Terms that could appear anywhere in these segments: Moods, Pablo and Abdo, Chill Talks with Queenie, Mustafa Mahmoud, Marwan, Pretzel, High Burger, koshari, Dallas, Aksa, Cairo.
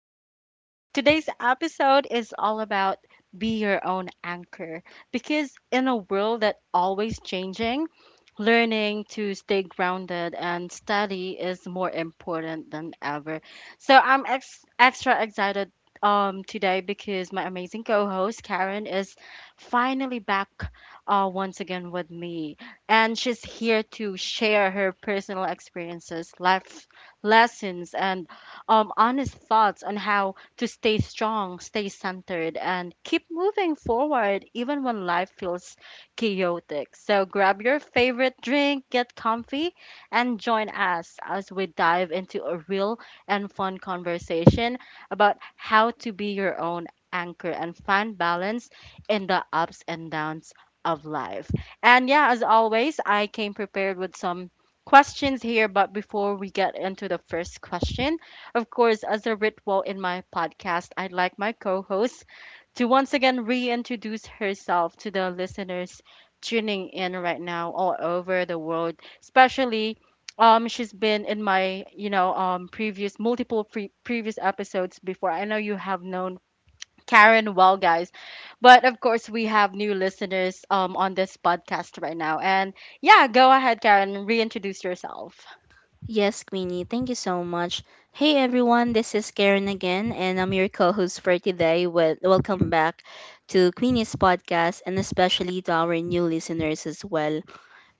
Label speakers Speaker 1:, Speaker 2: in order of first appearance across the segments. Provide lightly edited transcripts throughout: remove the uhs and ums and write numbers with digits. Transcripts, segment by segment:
Speaker 1: Queenie. Today's episode is all about be your own anchor because in a world that always changing, learning to stay grounded and steady is more important than ever. So I'm extra excited today because my amazing co-host Karen is finally back once again with me and she's here to share her personal experiences, life lessons, and honest thoughts on how to stay strong, stay centered, and keep moving forward even when life feels chaotic. So grab your favorite drink, get comfy, and join us as we dive into a real and fun conversation about how to be your own anchor and find balance in the ups and downs of life. And yeah, as always, I came prepared with some questions here. But before we get into the first question, of course, as a ritual in my podcast, I'd like my co host to once again reintroduce herself to the listeners tuning in right now all over the world, especially. She's been in my, previous previous episodes before. I know you have known Karen well, guys. But of course, we have new listeners on this podcast right now. And yeah, go ahead, Karen, reintroduce yourself.
Speaker 2: Yes, Queenie, thank you so much. Hey everyone, this is Karen again, and I'm your co host for today. Welcome back to Queenie's podcast and especially to our new listeners as well.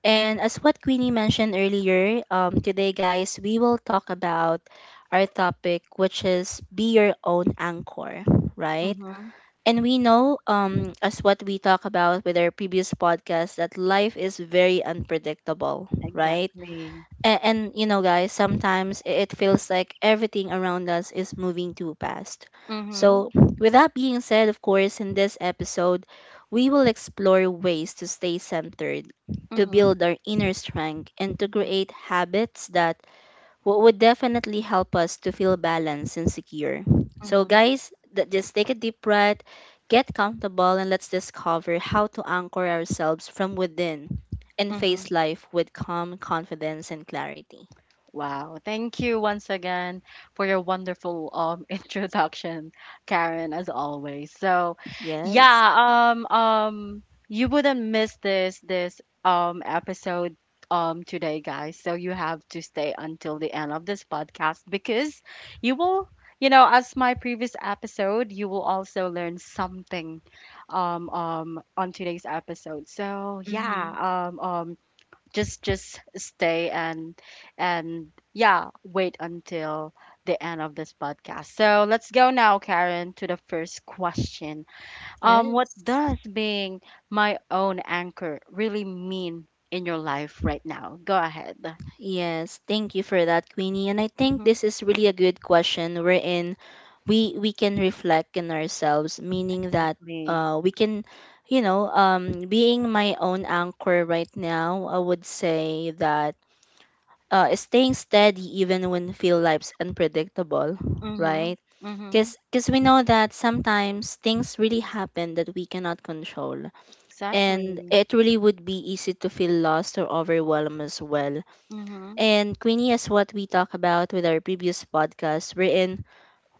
Speaker 2: And as what Queenie mentioned earlier, today, guys, we will talk about our topic, which is be your own anchor, right?
Speaker 1: Mm-hmm.
Speaker 2: And we know, as what we talk about with our previous podcast, that life is very unpredictable, right?
Speaker 1: Exactly.
Speaker 2: And you know guys, sometimes it feels like everything around us is moving too fast.
Speaker 1: Mm-hmm.
Speaker 2: So with that being said, of course in this episode we will explore ways to stay centered, to
Speaker 1: Mm-hmm.
Speaker 2: build our inner strength and to create habits that what would definitely help us to feel balanced and secure. So,
Speaker 1: Mm-hmm.
Speaker 2: guys, just take a deep breath, get comfortable, and let's discover how to anchor ourselves from within and
Speaker 1: Mm-hmm.
Speaker 2: face life with calm confidence and clarity.
Speaker 1: Wow. Thank you once again for your wonderful introduction, Karen, as always. So, yeah,
Speaker 2: Yes.
Speaker 1: you wouldn't miss this episode today, guys. So you have to stay until the end of this podcast because you will You know, as my previous episode, you will also learn something on today's episode. So, yeah,
Speaker 2: hmm
Speaker 1: just stay and yeah wait until the end of this podcast. So let's go now, Karen, to the first question. What
Speaker 2: Yes.
Speaker 1: does being my own anchor really mean in your life right now? Go ahead.
Speaker 2: Yes, thank you for that, Queenie. And I think
Speaker 1: Mm-hmm.
Speaker 2: this is really a good question wherein we can reflect in ourselves, meaning that
Speaker 1: Exactly.
Speaker 2: we can, you know, being my own anchor right now, I would say that staying steady even when feel life's unpredictable,
Speaker 1: Mm-hmm.
Speaker 2: right?
Speaker 1: Mm-hmm.
Speaker 2: Because we know that sometimes things really happen that we cannot control, and
Speaker 1: Exactly.
Speaker 2: it really would be easy to feel lost or overwhelmed as well.
Speaker 1: Mm-hmm.
Speaker 2: And Queenie, is what we talked about with our previous podcast, wherein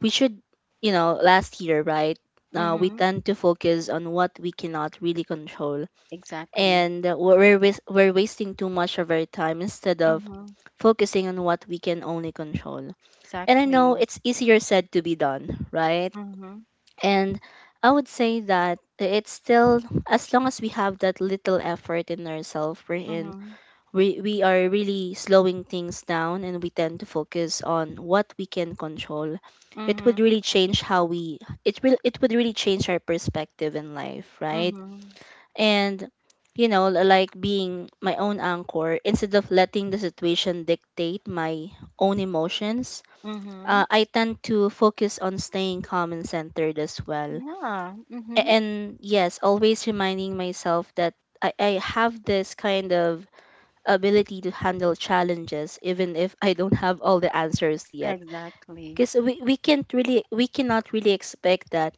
Speaker 2: we should, you know, last year, right? We
Speaker 1: Mm-hmm.
Speaker 2: tend to focus on what we cannot really control,
Speaker 1: Exactly.
Speaker 2: and we're wasting too much of our time instead of
Speaker 1: Mm-hmm.
Speaker 2: focusing on what we can only control. And I know
Speaker 1: Exactly.
Speaker 2: it's easier said to be done, right?
Speaker 1: Mm-hmm.
Speaker 2: And I would say that it's still, as long as we have that little effort in ourselves,
Speaker 1: Mm-hmm.
Speaker 2: we are really slowing things down and we tend to focus on what we can control, it would
Speaker 1: Mm-hmm.
Speaker 2: really change how we, it would really change our perspective in life, right?
Speaker 1: Mm-hmm.
Speaker 2: And you know, like being my own anchor, instead of letting the situation dictate my own emotions,
Speaker 1: Mm-hmm.
Speaker 2: I tend to focus on staying calm and centered as well.
Speaker 1: Yeah. Mhm.
Speaker 2: And yes, always reminding myself that I have this kind of ability to handle challenges even if I don't have all the answers yet.
Speaker 1: Exactly.
Speaker 2: Because we can't really, we cannot really expect that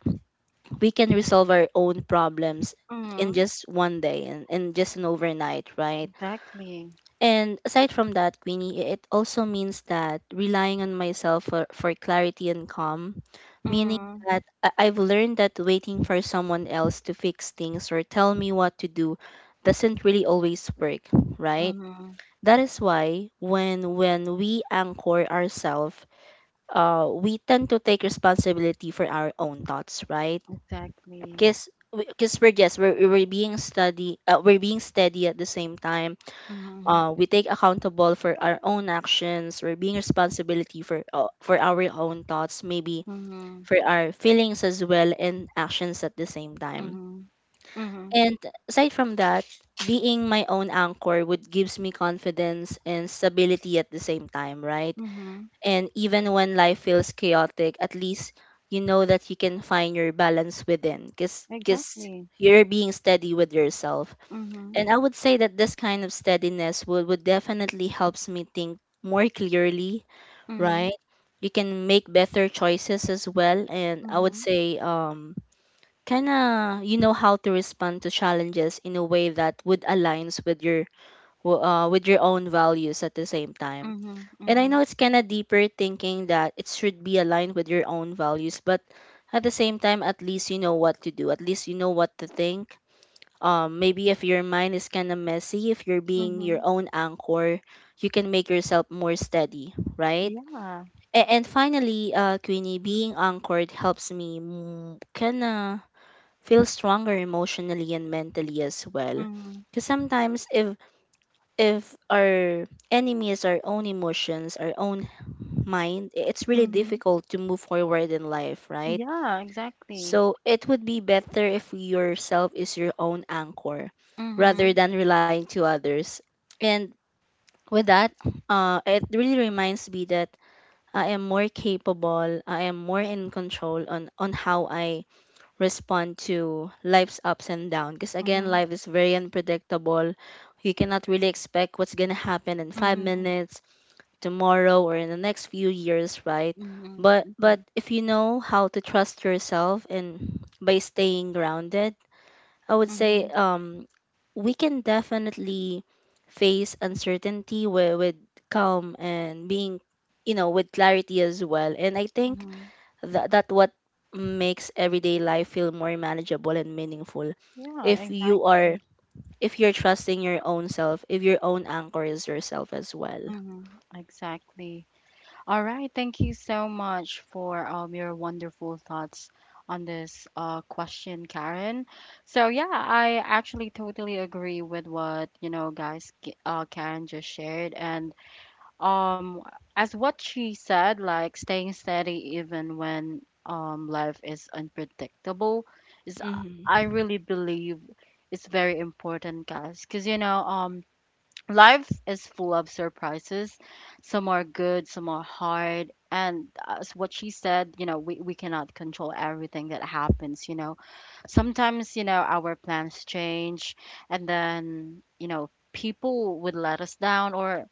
Speaker 2: we can resolve our own problems in
Speaker 1: Mhm.
Speaker 2: just one day and just an overnight, right?
Speaker 1: Exactly.
Speaker 2: And aside from that, Queenie, it also means that relying on myself for clarity and calm, meaning
Speaker 1: Mhm.
Speaker 2: that I've learned that waiting for someone else to fix things or tell me what to do doesn't really always work, right?
Speaker 1: Mhm.
Speaker 2: That is why when we anchor ourselves, we tend to take responsibility for our own thoughts, right?
Speaker 1: Exactly.
Speaker 2: Because we're being steady, we're being steady at the same time,
Speaker 1: Mhm.
Speaker 2: we take accountable for our own actions, we're being responsibility for our own thoughts, maybe
Speaker 1: Mhm.
Speaker 2: for our feelings as well and actions at the same time.
Speaker 1: Mhm. Mhm.
Speaker 2: And aside from that, being my own anchor would gives me confidence and stability at the same time, right?
Speaker 1: Mhm.
Speaker 2: And even when life feels chaotic, at least you know that you can find your balance within because
Speaker 1: Exactly.
Speaker 2: you're being steady with yourself.
Speaker 1: Mhm.
Speaker 2: And I would say that this kind of steadiness would definitely helps me think more clearly, right?
Speaker 1: Mhm.
Speaker 2: You can make better choices as well. And I would
Speaker 1: Mhm.
Speaker 2: say, kind of you know how to respond to challenges in a way that would aligns with your with your own values at the same time.
Speaker 1: Mhm.
Speaker 2: And I
Speaker 1: Mhm.
Speaker 2: know it's kind of deeper thinking that it should be aligned with your own values, but at the same time, at least you know what to do. At least you know what to think. Maybe if your mind is kind of messy, if you're being your
Speaker 1: Mhm.
Speaker 2: own anchor, you can make yourself more steady, right?
Speaker 1: Yeah.
Speaker 2: And finally, Queenie, being anchored helps me kind of feel stronger emotionally and mentally as well.
Speaker 1: Mhm.
Speaker 2: Because sometimes if our enemy is our own emotions, our own mind, it's really
Speaker 1: Mhm.
Speaker 2: difficult to move forward in life, right?
Speaker 1: Yeah. Exactly.
Speaker 2: So it would be better if yourself is your own anchor rather
Speaker 1: Mhm.
Speaker 2: than relying to others. And with that, it really reminds me that I am more capable, I am more in control on how I respond to life's ups and downs. Because again,
Speaker 1: Mhm.
Speaker 2: life is very unpredictable. You cannot really expect what's going to happen in five
Speaker 1: Mhm.
Speaker 2: minutes tomorrow, or in the next few years, right?
Speaker 1: Mhm.
Speaker 2: But
Speaker 1: Mhm.
Speaker 2: if you know how to trust yourself and by staying grounded, I would say
Speaker 1: Mhm.
Speaker 2: we can definitely face uncertainty with calm and being, you know, with clarity as well. And I think
Speaker 1: Mhm.
Speaker 2: that that what makes everyday life feel more manageable and meaningful
Speaker 1: Yeah.
Speaker 2: if you are,
Speaker 1: Exactly.
Speaker 2: if you're trusting your own self, if your own anchor is yourself as well.
Speaker 1: Mhm. Exactly. All right, thank you so much for your wonderful thoughts on this question, Karen. So yeah, I actually totally agree with what guys, Karen just shared, and um, as what she said, like staying steady even when life is unpredictable is I
Speaker 2: Mm-hmm.
Speaker 1: really believe is very important, guys, because life is full of surprises. Some are good, some are hard. And as what she said, you know, we cannot control everything that happens, you know. Sometimes, you know, our plans change and then, you know, people would let us down or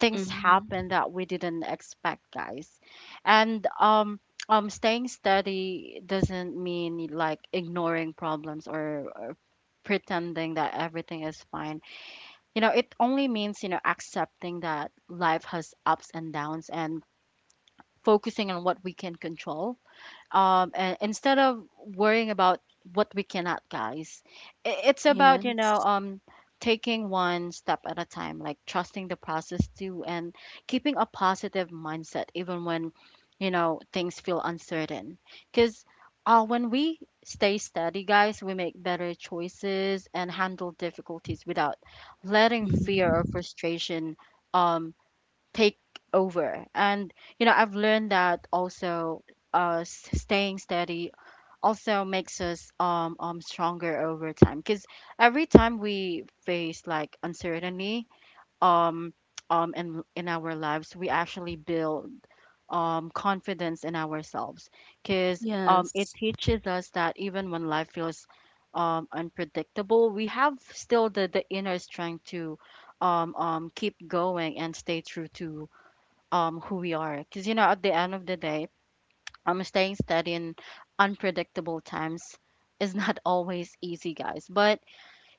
Speaker 1: things happen that we didn't expect, guys. And staying steady doesn't mean like ignoring problems or pretending that everything is fine. You know, it only means, you know, accepting that life has ups and downs and focusing on what we can control, and instead of worrying about what we cannot, guys. It's about, you know,
Speaker 2: Yes.
Speaker 1: taking one step at a time, like trusting the process too and keeping a positive mindset even when, you know, things feel uncertain because, when we stay steady, guys, we make better choices and handle difficulties without letting fear or
Speaker 2: Mm-hmm.
Speaker 1: frustration um, take over. And you know, I've learned that also staying steady also makes us stronger over time because every time we face like uncertainty um in our lives, we actually build confidence in ourselves because it
Speaker 2: Yes.
Speaker 1: teaches us that even when life feels unpredictable, we have still the inner strength to keep going and stay true to who we are. Because you know, at the end of the day, staying steady in unpredictable times is not always easy, guys, but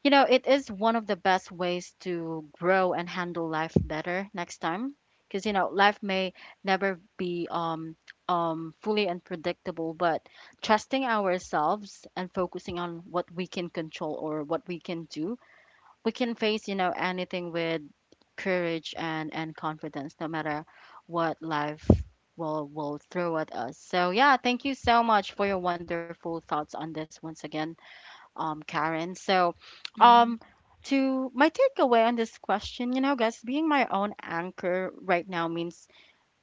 Speaker 1: you know, it is one of the best ways to grow and handle life better next time. Because you know, life may never be fully unpredictable, but trusting ourselves and focusing on what we can control or what we can do, we can face, you know, anything with courage and confidence no matter what life will throw at us. So yeah, thank you so much for your wonderful thoughts on this once again, Karen. So um
Speaker 2: Mm-hmm.
Speaker 1: to my takeaway on this question, you know guys, being my own anchor right now means,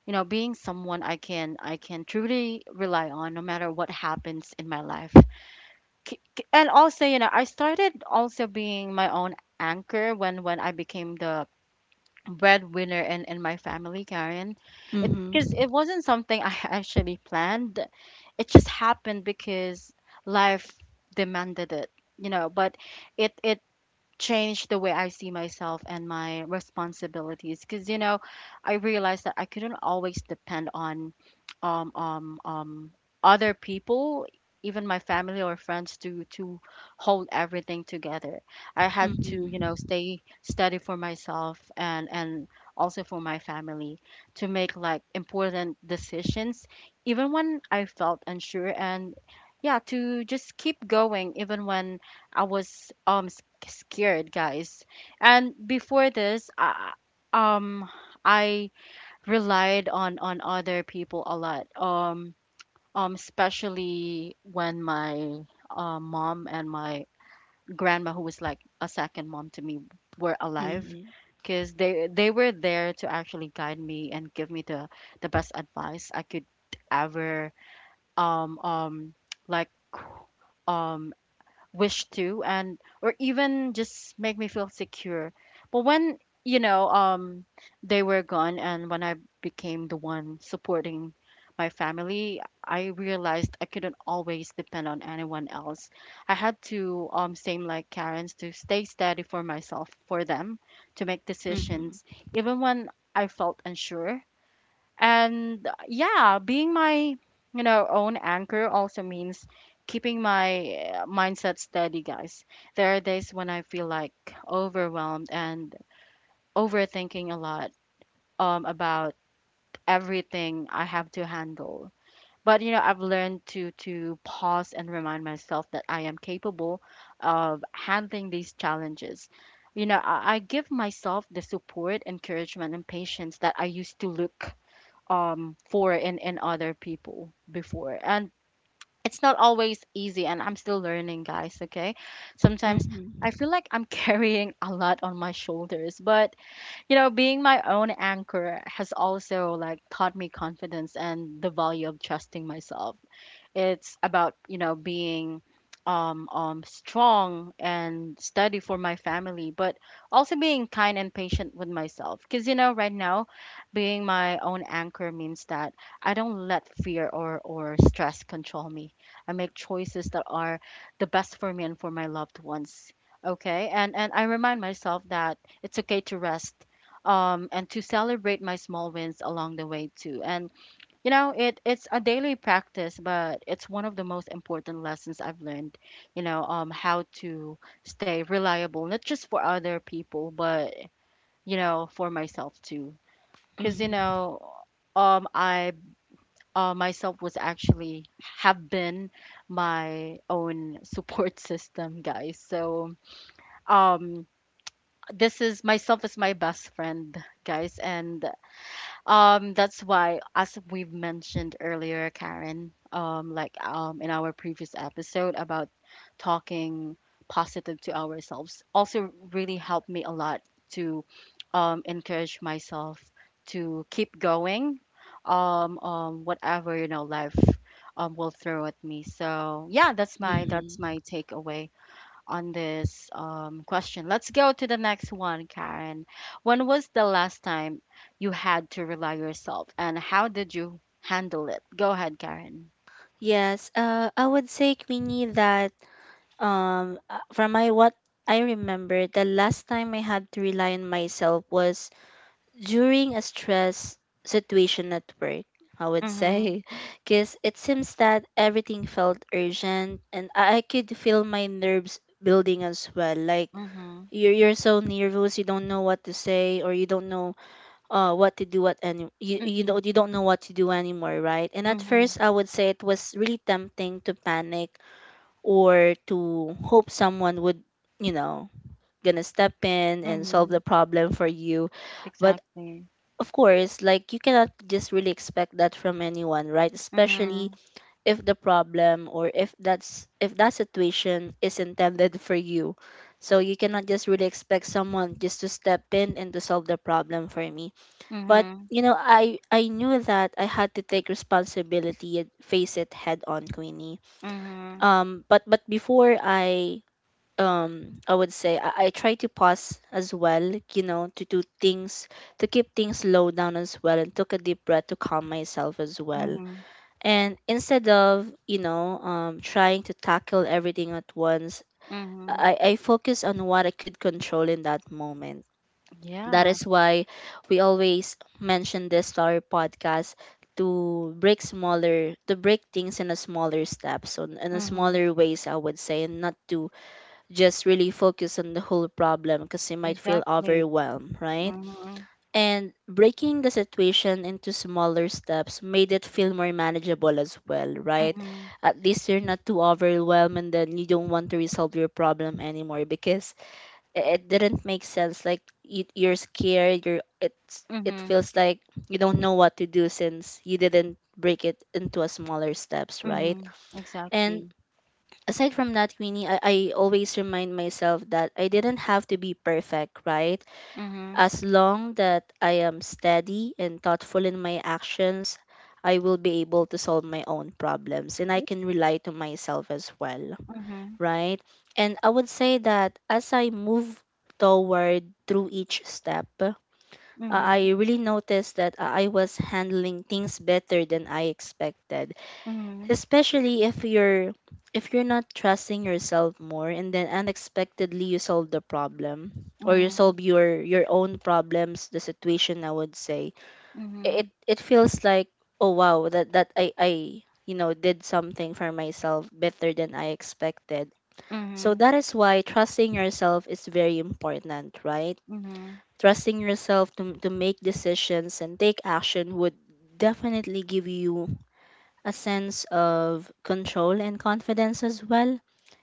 Speaker 1: you know, being someone I can truly rely on no matter what happens in my life. And also, you know, I started also being my own anchor when I became the breadwinner in my family, Karen. It, because
Speaker 2: Mm-hmm.
Speaker 1: it wasn't something I actually planned. It just happened because life demanded it, you know. But it changed the way I see myself and my responsibilities. Because you know, I realized that I couldn't always depend on um um um other people, even my family or friends, to hold everything together. I had to, you know,
Speaker 2: Mm-hmm.
Speaker 1: stay steady for myself and also for my family to make like important decisions, even when I felt unsure, and yeah, to just keep going even when I was scared, guys. And before this, um I relied on other people a lot. Especially when my mom and my grandma, who was like a second mom to me, were alive,
Speaker 2: Mm-hmm.
Speaker 1: because they were there to actually guide me and give me the best advice I could ever um um like um wish to and or even just make me feel secure. But when, you know, they were gone and when I became the one supporting my family, I realized I couldn't always depend on anyone else. I had to, same like Karen's, to stay steady for myself, for them, to make decisions even when I felt unsure. And yeah, being my, you know, own anchor also means keeping my mindset steady, guys. There are days when I feel like overwhelmed and overthinking a lot about everything I have to handle. But you know, I've learned to pause and remind myself that I am capable of handling these challenges. You know, I give myself the support, encouragement, and patience that I used to look for in other people before. And it's not always easy and I'm still learning, guys, okay? Sometimes I
Speaker 2: Mm-hmm.
Speaker 1: feel like I'm carrying a lot on my shoulders, but you know, being my own anchor has also like taught me confidence and the value of trusting myself. It's about, you know, being strong and steady for my family, but also being kind and patient with myself. Because, you know, right now, being my own anchor means that I don't let fear or stress control me. I make choices that are the best for me and for my loved ones. Okay. And I remind myself that it's okay to rest and to celebrate my small wins along the way too. And you know, it it's a daily practice, but it's one of the most important lessons I've learned, you know, how to stay reliable, not just for other people, but you know, for myself too. Cuz you
Speaker 2: Mm-hmm.
Speaker 1: know, I myself was actually have been my own support system, guys. So, um this is myself is my best friend, guys, and that's why, as we've mentioned earlier, Karen, like in our previous episode about talking positive to ourselves, also really helped me a lot to encourage myself to keep going, whatever you know life will throw at me. So yeah, that's my that's
Speaker 2: Mm-hmm.
Speaker 1: my takeaway on this question. Let's go to the next one, Karen. When was the last time you had to rely yourself, and how did you handle it? Go ahead, Karen.
Speaker 2: Yes. I would say, Queenie, that from my what I remember, the last time I had to rely on myself was during a stress situation at work, I would
Speaker 1: Mhm.
Speaker 2: say, because it seems that everything felt urgent and I could feel my nerves building as well. Like
Speaker 1: Mhm.
Speaker 2: you're so nervous, you don't know what to say or you don't know what to do at any, you,
Speaker 1: Mhm.
Speaker 2: you don't know what to do anymore, right? And at
Speaker 1: Mhm.
Speaker 2: first I would say it was really tempting to panic or to hope someone would, you know, gonna step in and solve the
Speaker 1: Mhm.
Speaker 2: problem for you, but
Speaker 1: Exactly.
Speaker 2: of course, like you cannot just really expect that from anyone, right? Especially
Speaker 1: Mhm.
Speaker 2: if the problem or if that situation is intended for you. So you cannot just really expect someone just to step in and to solve the problem for me. But
Speaker 1: Mhm.
Speaker 2: you know, I knew that I had to take responsibility and face it head on, Queenie.
Speaker 1: Mhm.
Speaker 2: But before I would say I try to pause as well, you know, to do things, to keep things low down as well and took a deep breath to calm myself as well.
Speaker 1: Mhm.
Speaker 2: And instead of, you know, trying to tackle everything at once,
Speaker 1: Mhm.
Speaker 2: I focus on what I could control in that moment. That
Speaker 1: Yeah.
Speaker 2: is why we always mention this to our podcast, to break smaller, to break things in a smaller steps, on in a
Speaker 1: Mhm.
Speaker 2: smaller ways I would say, and not to just really focus on the whole problem because you might feel
Speaker 1: Exactly.
Speaker 2: overwhelmed, right?
Speaker 1: Mhm.
Speaker 2: And breaking the situation into smaller steps made it feel more manageable as well, right?
Speaker 1: Mhm.
Speaker 2: At least you're not too overwhelmed and then you don't want to resolve your problem anymore because it didn't make sense. Like you, you're scared, you're, it's, it
Speaker 1: Mhm.
Speaker 2: feels like you don't know what to do since you didn't break it into a smaller steps, right?
Speaker 1: Mhm.
Speaker 2: And
Speaker 1: Exactly.
Speaker 2: aside from that, Queenie, I always remind myself that I didn't have to be perfect, right?
Speaker 1: Mhm.
Speaker 2: As long that I am steady and thoughtful in my actions, I will be able to solve my own problems and I
Speaker 1: Mhm.
Speaker 2: can rely to myself as well,
Speaker 1: Mhm.
Speaker 2: right? And I would say that as I move toward through each step,
Speaker 1: Mhm.
Speaker 2: I really noticed that I was handling things better than I expected, especially if you're not trusting yourself more and then unexpectedly you solve the problem, or you
Speaker 1: Mhm.
Speaker 2: solve your own problems, the situation I would say, it
Speaker 1: Mhm,
Speaker 2: it feels like, oh wow, that that I you know did something for myself better than I expected. So
Speaker 1: mhm,
Speaker 2: that is why trusting yourself is very important, right?
Speaker 1: mhm,
Speaker 2: Trusting yourself to make decisions and take action would definitely give you a sense of control and confidence as well,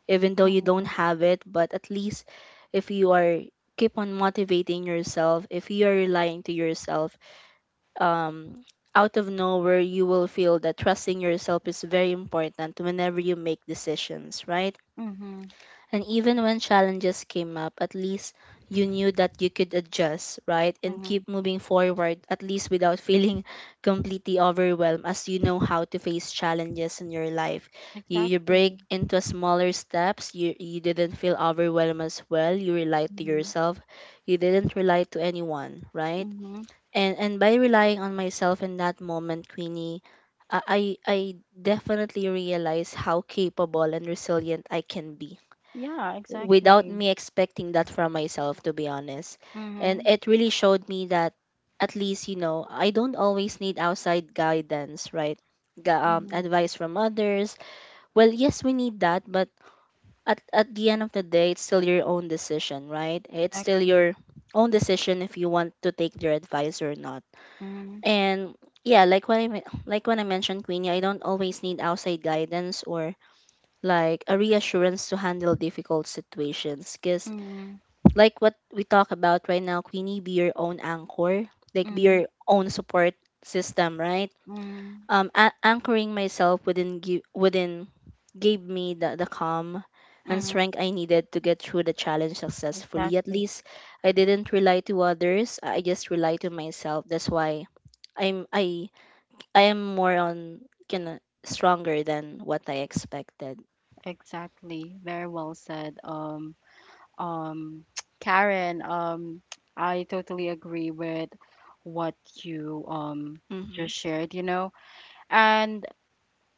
Speaker 2: even though you don't
Speaker 1: mhm,
Speaker 2: have it. But at least if you are keep on motivating yourself, if you are relying to yourself, um, out of nowhere you will feel that trusting yourself is very important whenever you make decisions, right?
Speaker 1: mhm,
Speaker 2: And even when challenges came up, at least you knew that you could adjust, right? And
Speaker 1: mhm.
Speaker 2: keep moving forward, at least without feeling completely overwhelmed, as you know how to face challenges in your life. You
Speaker 1: Exactly.
Speaker 2: break into smaller steps. You didn't feel overwhelmed as well. You relied to
Speaker 1: Mhm,
Speaker 2: yourself. You didn't rely to anyone, right?
Speaker 1: mhm.
Speaker 2: And by relying on myself in that moment, Queenie, I, I definitely realized how capable and resilient I can be
Speaker 1: Yeah,
Speaker 2: without
Speaker 1: exactly.
Speaker 2: me expecting that from myself, to be honest, and
Speaker 1: Mhm,
Speaker 2: it really showed me that at least I don't always need outside guidance, right?
Speaker 1: mhm,
Speaker 2: Advice from others, well, yes, we need that, but at the end of the day it's still your own decision, right? It's still
Speaker 1: exactly.
Speaker 2: your own decision if you want to take their advice or not.
Speaker 1: Mhm,
Speaker 2: And yeah, like when I mentioned, Queenie, I don't always need outside guidance or like a reassurance to handle difficult situations, because
Speaker 1: mhm,
Speaker 2: like what we talk about right now, Queenie, be your own anchor, like be
Speaker 1: mhm,
Speaker 2: your own support system, right?
Speaker 1: mhm,
Speaker 2: Anchoring myself within gave me the calm and
Speaker 1: mhm.
Speaker 2: strength I needed to get through the challenge successfully. At
Speaker 1: Exactly.
Speaker 2: least I didn't rely to others. I just relied to myself. That's why I'm I I am more on kind of stronger than what I expected.
Speaker 1: Exactly. Very well said. Um, Karen, I totally agree with what you
Speaker 2: Mm-hmm.
Speaker 1: just shared, you know. And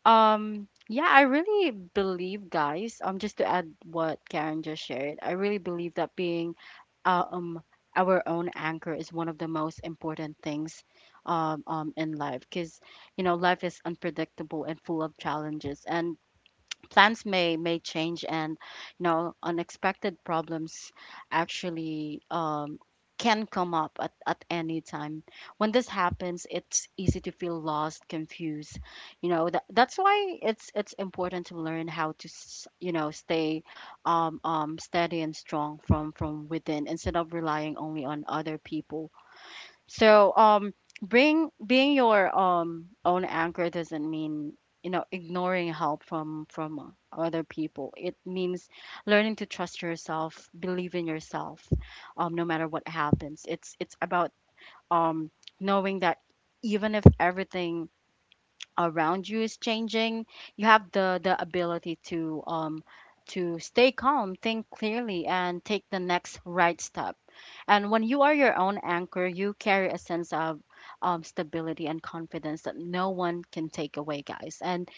Speaker 1: Yeah, I really believe, guys, just to add what Karen just shared, I really believe that being uh, um our own anchor is one of the most important things in life because you know life is unpredictable and full of challenges, and plans may change, and you know unexpected problems actually, can come up at any time. When this happens it's easy to feel lost, confused, you know. That's why it's important to learn how to you know stay steady and strong from within, instead of relying only on other people. So bring being your own anchor doesn't mean, you know, ignoring help from other people. It means learning to trust yourself, believe in yourself, um, no matter what happens. It's about um knowing that even if everything around you is changing, you have the ability to um, to stay calm, think clearly, and take the next right step. And when you are your own anchor, you carry a sense of stability and confidence that no one can take away, guys. And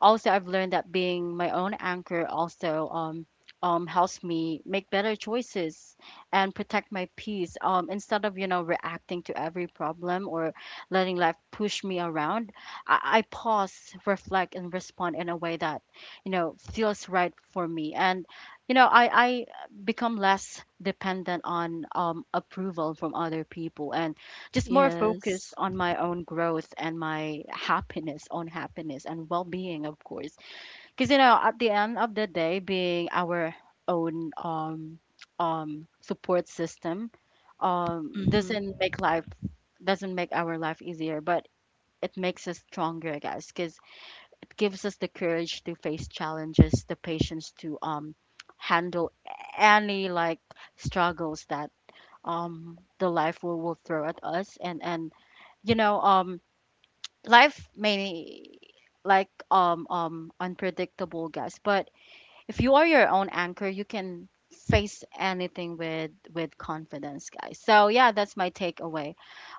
Speaker 1: also, I've learned that being my own anchor also helps me make better choices and protect my peace, instead of, you know, reacting to every problem or letting life push me around. I pause, reflect, and respond in a way that, you know, feels right for me. And, you know, I become less dependent on approval from other people. And just more focused
Speaker 2: Yes.
Speaker 1: on my own growth and my happiness own happiness and well-being, of course. Because you know, at the end of the day, being our own support system
Speaker 2: Mm-hmm.
Speaker 1: doesn't make life doesn't make our life easier, but it makes us stronger, guys. Because it gives us the courage to face challenges, the patience to handle any like struggles that the life will throw at us. And You know um, life may like unpredictable guys, but if you are your own anchor, you can face anything with confidence, guys. So yeah, that's my takeaway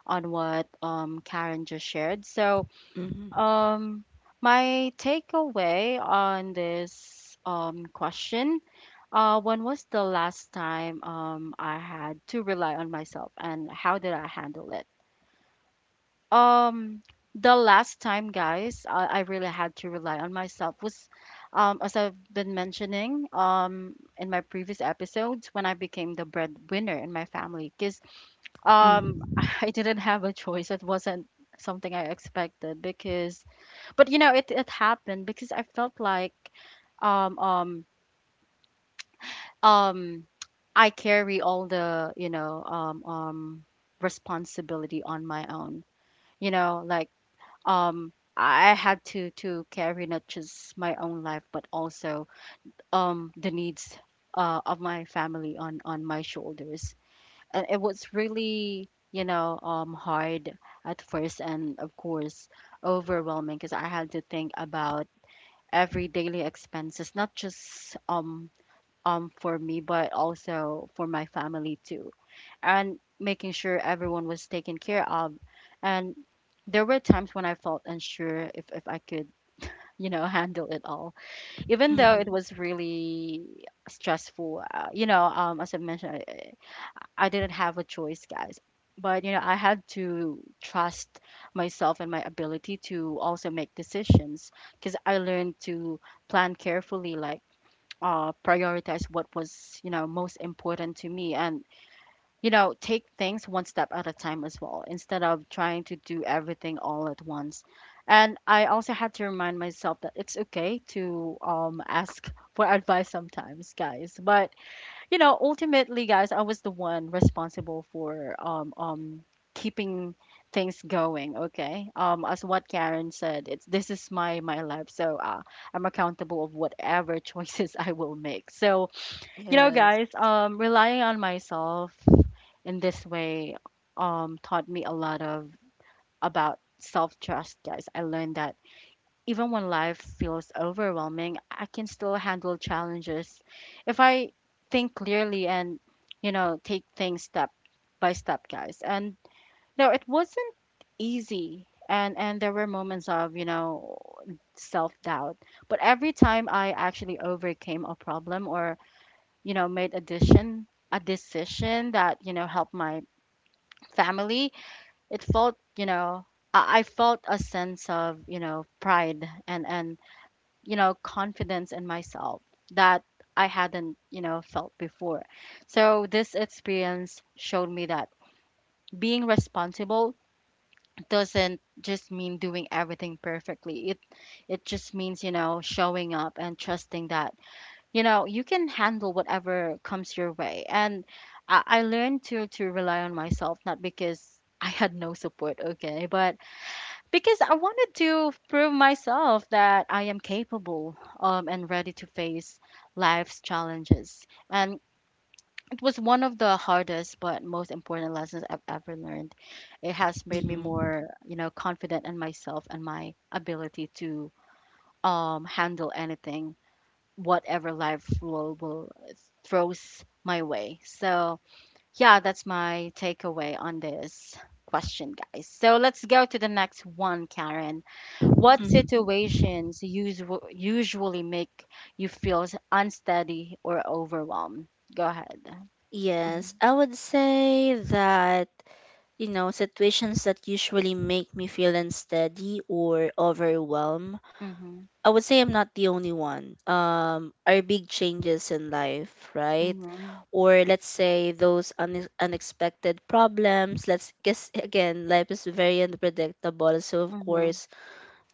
Speaker 1: on what karen just shared. So
Speaker 2: Mm-hmm.
Speaker 1: um, my takeaway on this question, when was the last time I had to rely on myself and how did I handle it? Um, the last time, guys, I really had to rely on myself was, as I've been mentioning, in my previous episodes, when I became the breadwinner in my family. Because um
Speaker 2: Mm-hmm.
Speaker 1: I didn't have a choice. It wasn't something I expected, because, but you know, it happened because I felt like, um um um I carry all the you know responsibility on my own, you know, like I had to carry not just my own life but also the needs of my family on my shoulders. And it was really, you know, hard at first, and of course overwhelming, because I had to think about every daily expenses, not just um for me but also for my family too, and making sure everyone was taken care of. And there were times when I felt unsure if I could, you know, handle it all. Even though
Speaker 2: Mm-hmm.
Speaker 1: it was really stressful, you know as I mentioned, I didn't have a choice, guys. But you know I had to trust myself and my ability to also make decisions, because I learned to plan carefully, like prioritize what was, you know, most important to me, and, you know, take things one step at a time as well, instead of trying to do everything all at once. And I also had to remind myself that it's okay to ask for advice sometimes, guys. But you know, ultimately, guys, I was the one responsible for keeping things going. Okay, as what Karen said, it's this is my life, so I'm accountable of whatever choices I will make. So you know,
Speaker 2: Yes.
Speaker 1: guys, relying on myself in this way taught me a lot of about self trust, guys. I learned that even when life feels overwhelming, I can still handle challenges if I think clearly and, you know, take things step by step, guys. And no, it wasn't easy. And there were moments of, you know, self doubt. But every time I actually overcame a problem or, you know, made a decision, that, you know, helped my family, it felt, you know, I felt a sense of, you know, pride and, you know, confidence in myself that I hadn't, you know, felt before. So this experience showed me that being responsible doesn't just mean doing everything perfectly. It just means, you know, showing up and trusting that, you know, you can handle whatever comes your way. And I learned to rely on myself, not because I had no support, okay, but because I wanted to prove myself that I am capable, and ready to face life's challenges. And it was one of the hardest but most important lessons I've ever learned. It has made me
Speaker 2: Hmm.
Speaker 1: more, you know, confident in myself and my ability to handle anything, whatever life will throws my way. So yeah, that's my takeaway on this question, guys. So let's go to the next one, Karen. What
Speaker 2: Hmm.
Speaker 1: situations usually make you feel unsteady or overwhelmed? Go ahead.
Speaker 2: Yes,
Speaker 1: Mhm.
Speaker 2: I would say that, you know, situations that usually make me feel unsteady or overwhelmed,
Speaker 1: Mhm.
Speaker 2: I would say I'm not the only one. Are big changes in life, right?
Speaker 1: Mhm.
Speaker 2: Or let's say those unexpected problems. Let's guess, again, life is very unpredictable. So, of
Speaker 1: Mhm.
Speaker 2: course,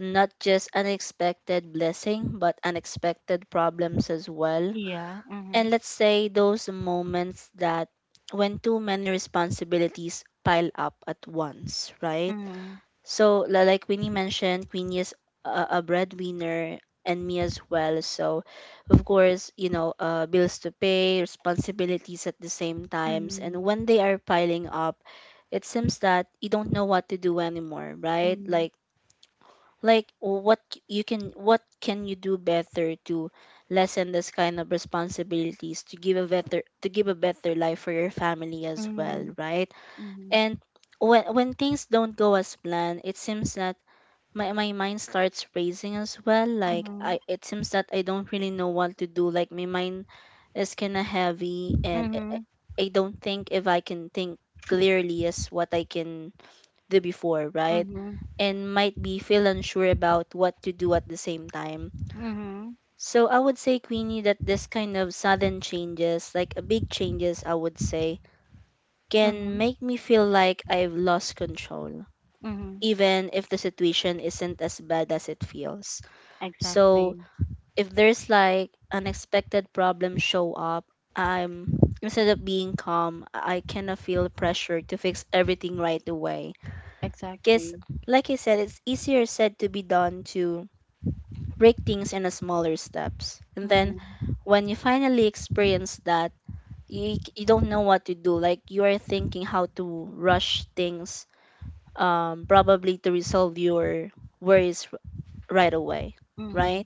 Speaker 2: not just unexpected blessing, but unexpected problems as well.
Speaker 1: Yeah.
Speaker 2: And
Speaker 1: Mhm.
Speaker 2: let's say those moments that when too many responsibilities pile up at once, right?
Speaker 1: Mhm.
Speaker 2: So, like Queenie mentioned, Queenie is a breadwinner and me as well. So, of course, you know, bills to pay, responsibilities at the same times. And when they are piling up, it seems that you don't know what to do anymore, right?
Speaker 1: Mhm.
Speaker 2: Like, you can, what can you do better to lessen this kind of responsibilities to give a better to give a better life for your family as well,
Speaker 1: Mhm.
Speaker 2: right? And when things don't go as planned, it seems that my mind starts racing as well. Like i
Speaker 1: Mhm.
Speaker 2: it seems that I don't really know what to do, like my mind is kind of heavy and I
Speaker 1: Mhm.
Speaker 2: I don't think if I can think clearly as what I can the before,
Speaker 1: Mhm.
Speaker 2: right?
Speaker 1: Mhm. Mhm.
Speaker 2: And might be feel unsure about what to do at the same time. So I would say, Queenie, that this kind of sudden changes, like a big changes, I would say,
Speaker 1: Mhm.
Speaker 2: can
Speaker 1: Mhm.
Speaker 2: make me feel like I've lost control,
Speaker 1: Mhm.
Speaker 2: even if the situation isn't as bad as it feels. So
Speaker 1: Exactly.
Speaker 2: if there's like unexpected problems show up, I'm, instead of being calm, I kind of feel pressure to fix everything right away. Because,
Speaker 1: Exactly.
Speaker 2: like I said, it's easier said to be done to break things into smaller steps. And then
Speaker 1: Mhm.
Speaker 2: when you finally experience that, you don't know what to do. Like you are thinking how to rush things, probably to resolve your worries r- right away,
Speaker 1: Mhm.
Speaker 2: right?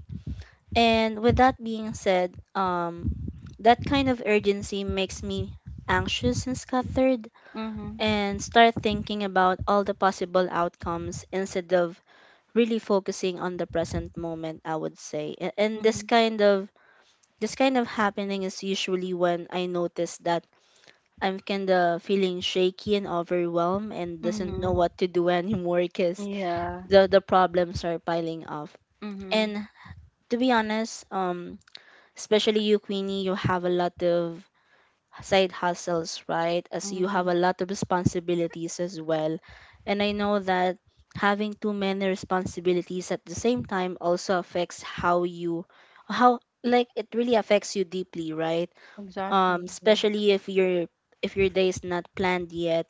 Speaker 2: And with that being said, that kind of urgency makes me anxious and scattered
Speaker 1: Mhm.
Speaker 2: and start thinking about all the possible outcomes instead of really focusing on the present moment, I would say. And this
Speaker 1: Mhm.
Speaker 2: kind of this kind of happening is usually when I notice that I'm kind of feeling shaky and overwhelmed and doesn't know
Speaker 1: Mhm.
Speaker 2: what to do anymore, because
Speaker 1: Yeah.
Speaker 2: the problems are piling up.
Speaker 1: Mhm.
Speaker 2: And to be honest, especially you, Queenie, you have a lot of side hustles, right? As you have
Speaker 1: Mhm.
Speaker 2: a lot of responsibilities as well. And I know that having too many responsibilities at the same time also affects how you, how, like it really affects you deeply, right?
Speaker 1: Exactly.
Speaker 2: Especially if your, if your day is not planned yet,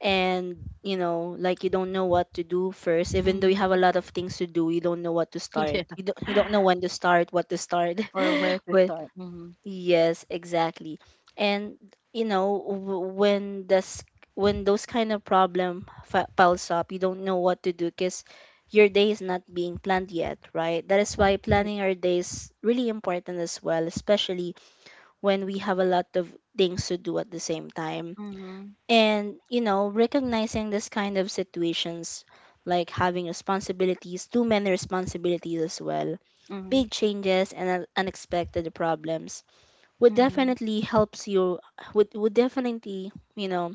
Speaker 2: and you know, like you don't know what to do first, even though you have a
Speaker 1: Mhm.
Speaker 2: lot of things to do. You don't know what to start,
Speaker 1: Yeah.
Speaker 2: you don't know when to start, what to start
Speaker 1: Or where to
Speaker 2: with.
Speaker 1: start. Mhm.
Speaker 2: Yes, exactly. And you know, when those kind of problem piles up, you don't know what to do because your day is not being planned yet, right? That is why
Speaker 1: Exactly.
Speaker 2: planning our day is really important as well, especially when we have a lot of things to do at the same time.
Speaker 1: Mhm.
Speaker 2: And you know, recognizing this kind of situations, like having responsibilities, too many responsibilities as well,
Speaker 1: Mhm.
Speaker 2: big changes and unexpected problems, would
Speaker 1: Mhm.
Speaker 2: definitely helps you, would definitely, you know,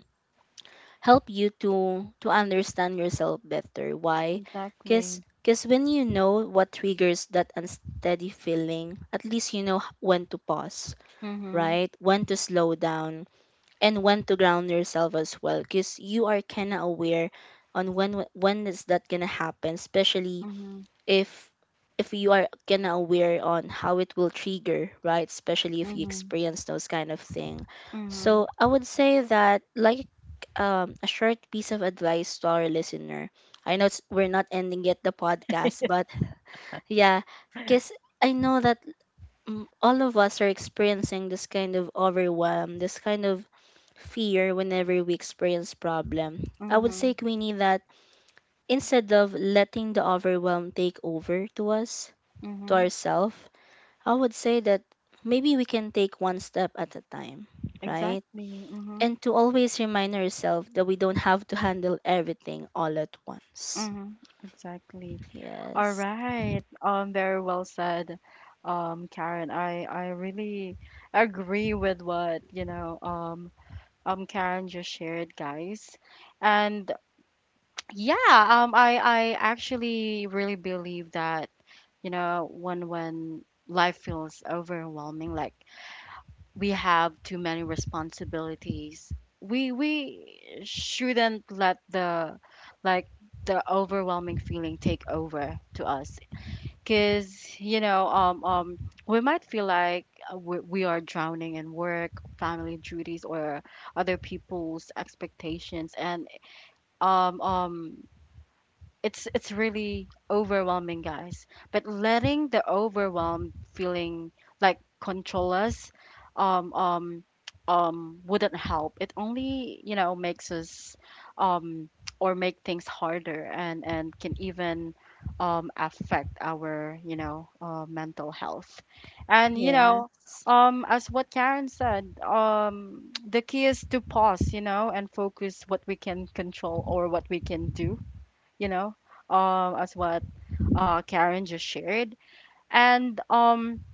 Speaker 2: help you to understand yourself better, why? Because,
Speaker 1: Exactly.
Speaker 2: when you know what triggers that unsteady feeling, at least you know, when to pause,
Speaker 1: Mhm.
Speaker 2: right? When to slow down and when to ground yourself as well, because you are kind of aware on when, when is that gonna happen, especially
Speaker 1: Mhm.
Speaker 2: if if you are kind of aware on how it will trigger, right? Especially if you
Speaker 1: Mhm.
Speaker 2: experience those kind of thing. So
Speaker 1: Mhm.
Speaker 2: I would say that, like, a short piece of advice to our listener, I know it's, we're not ending yet the podcast, but yeah, because I know that, all of us are experiencing this kind of overwhelm, this kind of fear whenever we experience problem. I would say,
Speaker 1: Mhm.
Speaker 2: Queenie, that instead of letting the overwhelm take over to us, to
Speaker 1: Mhm.
Speaker 2: ourselves, I would say that maybe we can take one step at a time, right?
Speaker 1: Exactly. Mhm.
Speaker 2: And to always remind ourselves that we don't have to handle everything all at once.
Speaker 1: Mhm. Exactly. All
Speaker 2: Yes.
Speaker 1: right. Very well said, Karen. I really agree with what you know, Karen just shared, guys. And yeah, I actually really believe that, you know, when life feels overwhelming, like we have too many responsibilities, we shouldn't let the like the overwhelming feeling take over to us. Because you know, we might feel like we are drowning in work, family duties, or other people's expectations, and um, it's really overwhelming, guys. But letting the overwhelmed feeling like control us um um wouldn't help, it only you know makes us um, or make things harder, and can even affect our, you know, mental health. And you know
Speaker 2: Yes.
Speaker 1: um, as what Karen said, um, the key is to pause, you know, and focus what we can control or what we can do, you know, as what Karen just shared. And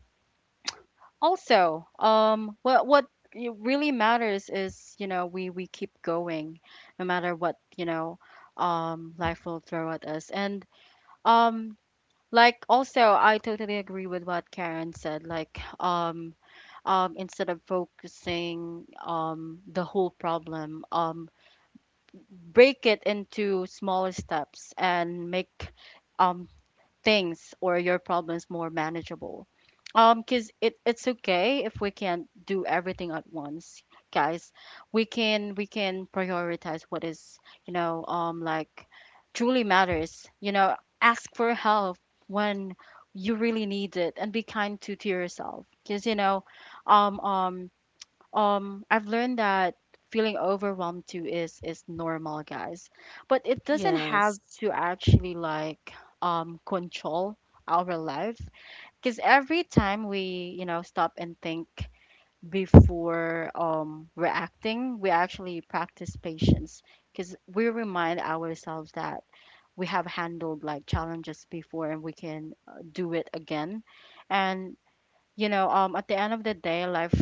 Speaker 1: also, what it really matters is, you know, we keep going, no matter what, you know, life will throw at us. And um, like also, I totally agree with what Karen said. Like instead of focusing the whole problem, break it into smaller steps and make um, things or your problems more manageable. Because it's okay if we can't do everything at once, guys. We can prioritize what is, you know, um, like truly matters. You know, ask for help when you really need it, and be kind to yourself. Because, you know, um um I've learned that feeling overwhelmed too is normal, guys. But it doesn't have
Speaker 2: Yes.
Speaker 1: to actually like control our life. Because every time we, you know, stop and think before reacting, we actually practice patience, because we remind ourselves that we have handled like challenges before and we can do it again. And you know, at the end of the day, life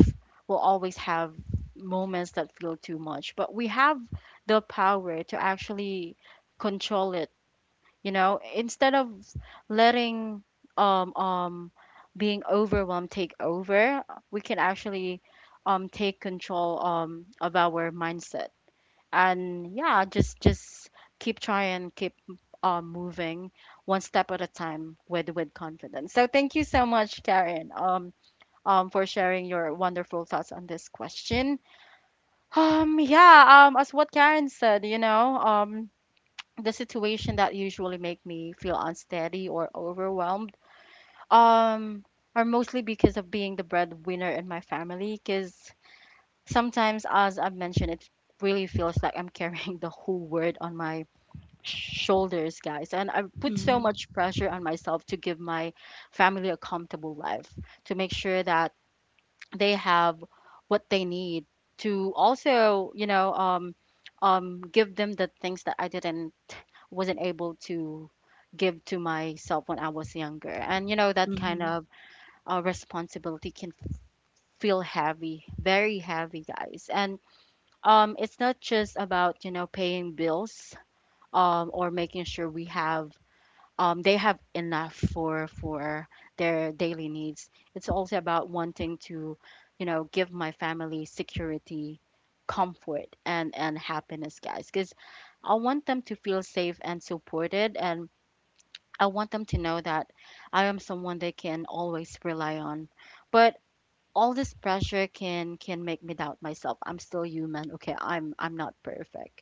Speaker 1: will always have moments that feel too much, but we have the power to actually control it, you know, instead of letting um, um, being overwhelmed take over, we can actually take control of our mindset. And yeah, just keep trying, keep moving one step at a time with confidence. So thank you so much, Karen. For sharing your wonderful thoughts on this question. Yeah, as what Karen said, you know, the situation that usually make me feel unsteady or overwhelmed um, are mostly because of being the breadwinner in my family. Because sometimes, as I've mentioned, it really feels like I'm carrying the whole world on my shoulders, guys. And I put so
Speaker 2: Mm-hmm.
Speaker 1: much pressure on myself to give my family a comfortable life, to make sure that they have what they need, to also you know give them the things that I didn't wasn't able to give to myself when I was younger. And you know that kind
Speaker 2: Mm-hmm.
Speaker 1: of responsibility can feel heavy, very heavy, guys. And it's not just about you know paying bills um, or making sure we have they have enough for their daily needs. It's also about wanting to, you know, give my family security, comfort, and happiness, guys. Because I want them to feel safe and supported, and I want them to know that I am someone they can always rely on. But all this pressure can make me doubt myself. I'm still human. Okay, I'm not perfect.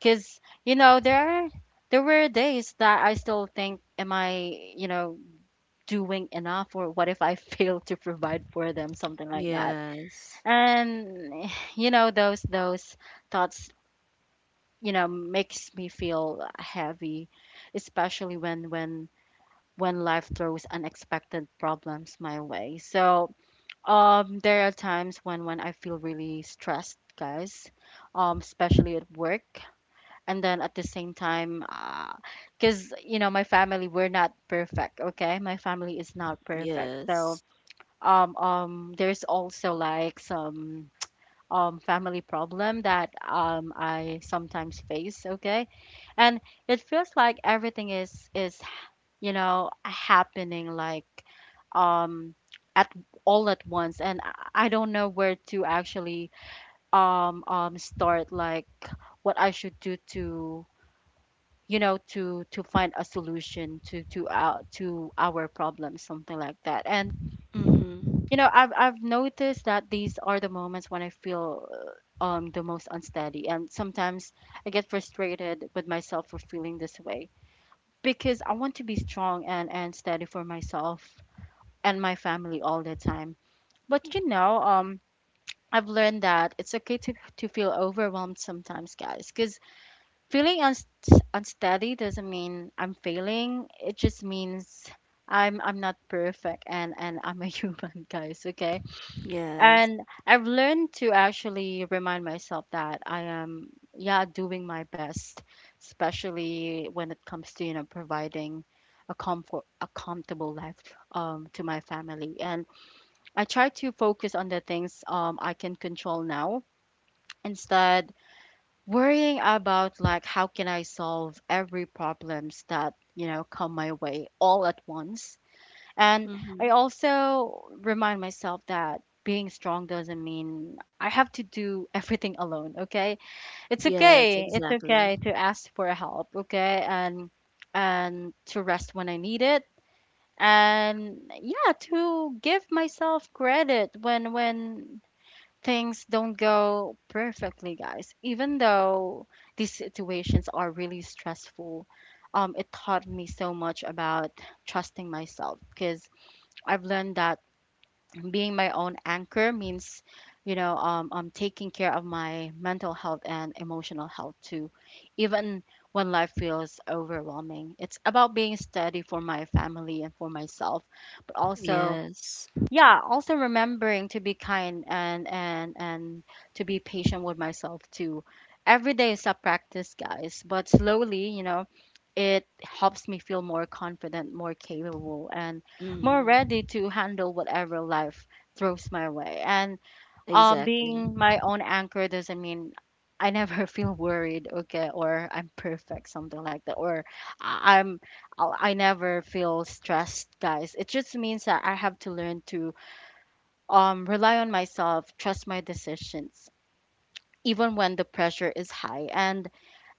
Speaker 1: Cuz you know, there were days that I still think, am I, you know, doing enough, or what if I fail to provide for them, something like that.
Speaker 2: Yes.
Speaker 1: And you know, those thoughts, you know, makes me feel heavy, especially when life throws unexpected problems my way. So, there are times when I feel really stressed, guys, especially at work, and then at the same time, because you know my family, we're not perfect, okay? My family is not perfect, so
Speaker 2: Yes.
Speaker 1: there's also like some family problem that I sometimes face, okay? And it feels like everything is you know happening like um at all at once, and I don't know where to actually start, like what I should do to, you know, to find a solution to our problem, something like that. And
Speaker 2: Mm-hmm.
Speaker 1: you know, I've noticed that these are the moments when I feel the most unsteady, and sometimes I get frustrated with myself for feeling this way because I want to be strong and steady for myself and my family all the time. But you know, I've learned that it's okay to, feel overwhelmed sometimes, guys, because feeling unsteady doesn't mean I'm failing. It just means I'm not perfect and I'm a human, guys, okay?
Speaker 2: Yes.
Speaker 1: And I've learned to actually remind myself that I am, yeah, doing my best, especially when it comes to, you know, providing a a comfortable life to my family. And I try to focus on the things I can control now instead worrying about like how can I solve every problems that you know come my way all at once. And
Speaker 2: Mm-hmm.
Speaker 1: I also remind myself that being strong doesn't mean I have to do everything alone, okay? It's
Speaker 2: Yes,
Speaker 1: okay. It's
Speaker 2: exactly.
Speaker 1: okay to ask for help, okay? And to rest when I need it, and yeah, to give myself credit when things don't go perfectly, guys. Even though these situations are really stressful, it taught me so much about trusting myself because I've learned that being my own anchor means, you know, I'm taking care of my mental health and emotional health too, even when life feels overwhelming. It's about being steady for my family and for myself, but also
Speaker 2: Yes.
Speaker 1: yeah, also remembering to be kind and to be patient with myself too. Every day is a practice, guys, but slowly, you know, it helps me feel more confident, more capable, and more
Speaker 2: Mm,
Speaker 1: ready to handle whatever life throws my way. And
Speaker 2: exactly.
Speaker 1: being my own anchor doesn't mean I never feel worried, okay, or I'm perfect, something like that, or I- i'm I never feel stressed, guys. It just means that I have to learn to rely on myself, trust my decisions, even when the pressure is high. And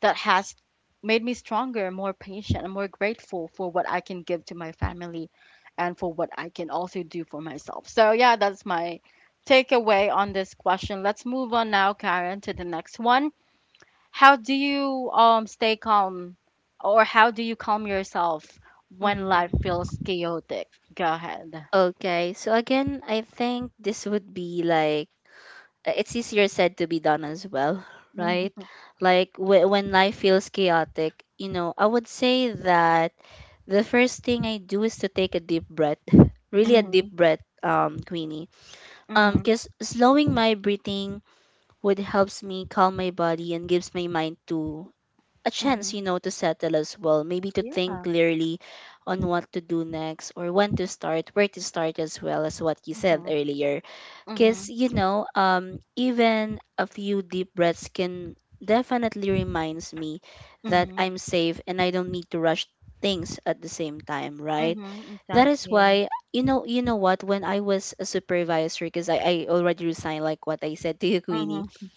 Speaker 1: that has made me stronger, more patient, and more grateful for what I can give to my family and for what I can also do for myself. So, yeah, that's my takeaway on this question. Let's move on now, Karen, to the next one. How do you stay calm, or how do you calm yourself when life
Speaker 2: Mm.
Speaker 1: feels chaotic? Go ahead.
Speaker 2: Okay, so again, I think this would be like, it's easier said to be done as well, right?
Speaker 1: Hmm.
Speaker 2: Like, when life feels chaotic, you know, I would say that the first thing I do is to take a deep breath, really a deep
Speaker 1: Hmm.
Speaker 2: breath, Queenie. Because slowing my breathing would helps me calm my body and gives my mind to a chance,
Speaker 1: Hmm.
Speaker 2: you know, to settle as well. Maybe to think
Speaker 1: Yeah.
Speaker 2: clearly on what to do next or when to start, where to start as well, as what you said
Speaker 1: Mhm.
Speaker 2: earlier. Because,
Speaker 1: Mhm.
Speaker 2: you know, even a few deep breaths can definitely reminds me that
Speaker 1: Mhm.
Speaker 2: I'm safe and I don't need to rush things at the same time, right?
Speaker 1: Mhm.
Speaker 2: That is
Speaker 1: Exactly.
Speaker 2: why, you know what, when I was a supervisor, because I already resigned, like what I said to you, Queenie,
Speaker 1: Mhm.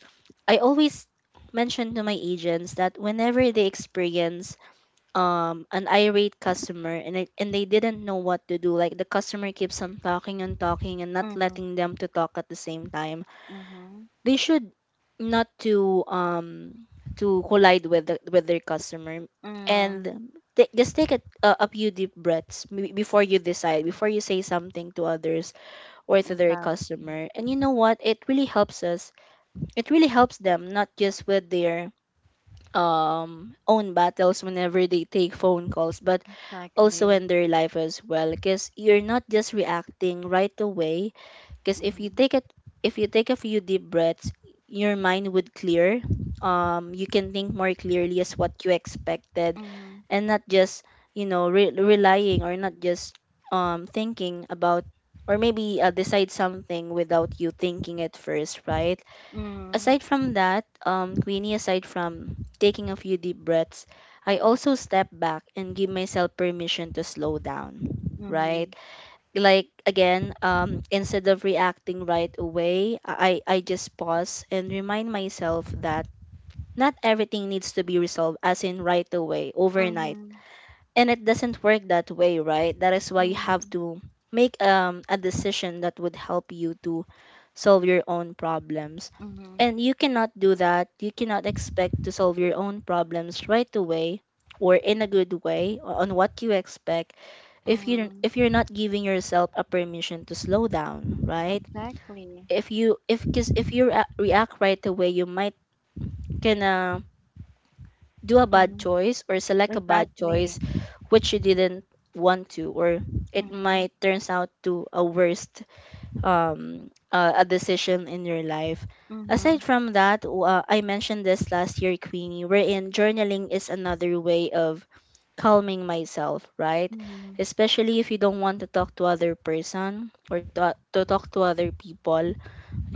Speaker 2: I always mention to my agents that whenever they experience an irate customer, and, it, and they didn't know what to do, like the customer keeps on talking and talking and not
Speaker 1: Mhm.
Speaker 2: letting them to talk at the same time,
Speaker 1: Mhm.
Speaker 2: they should not to to collide with the, with their customer,
Speaker 1: Mm.
Speaker 2: and just take a, a few deep breaths maybe before you decide, before you say something to others or to their
Speaker 1: Yeah.
Speaker 2: customer. And you know what, it really helps us, it really helps them, not just with their own battles whenever they take phone calls, but also
Speaker 1: Exactly.
Speaker 2: in their life as well, because you're not just reacting right away. Because if you
Speaker 1: Mhm.
Speaker 2: take it, if you take a few deep breaths, your mind would clear, you can think more clearly as what you expected,
Speaker 1: Mhm.
Speaker 2: and not just, you know, relying, or not just thinking about, or maybe decide something without you thinking it first, right?
Speaker 1: Mhm.
Speaker 2: Aside from that, Queenie, aside from taking a few deep breaths, I also step back and give myself permission to slow down,
Speaker 1: Mhm.
Speaker 2: right? Like again, instead of reacting right away, I just pause and remind myself that not everything needs to be resolved as in right away, overnight.
Speaker 1: Mhm.
Speaker 2: And it doesn't work that way, right? That is why you have
Speaker 1: Mhm.
Speaker 2: to make, a decision that would help you to solve your own problems.
Speaker 1: Mhm.
Speaker 2: And you cannot do that, you cannot expect to solve your own problems right away or in a good way, on what you expect, if you don't,
Speaker 1: Mhm.
Speaker 2: if you're not giving yourself a permission to slow down, right?
Speaker 1: Exactly.
Speaker 2: If you, if, cause, if you react right away, you might gonna do a bad
Speaker 1: Mhm.
Speaker 2: choice or select a bad
Speaker 1: Exactly.
Speaker 2: choice, which you didn't want to, or it
Speaker 1: Mhm.
Speaker 2: might turns out to a worst, a decision in your life. Aside
Speaker 1: Mhm.
Speaker 2: from that, I mentioned this last year, Queenie, wherein journaling is another way of calming myself, right?
Speaker 1: Mhm.
Speaker 2: Especially if you don't want to talk to other person, or to talk to other people,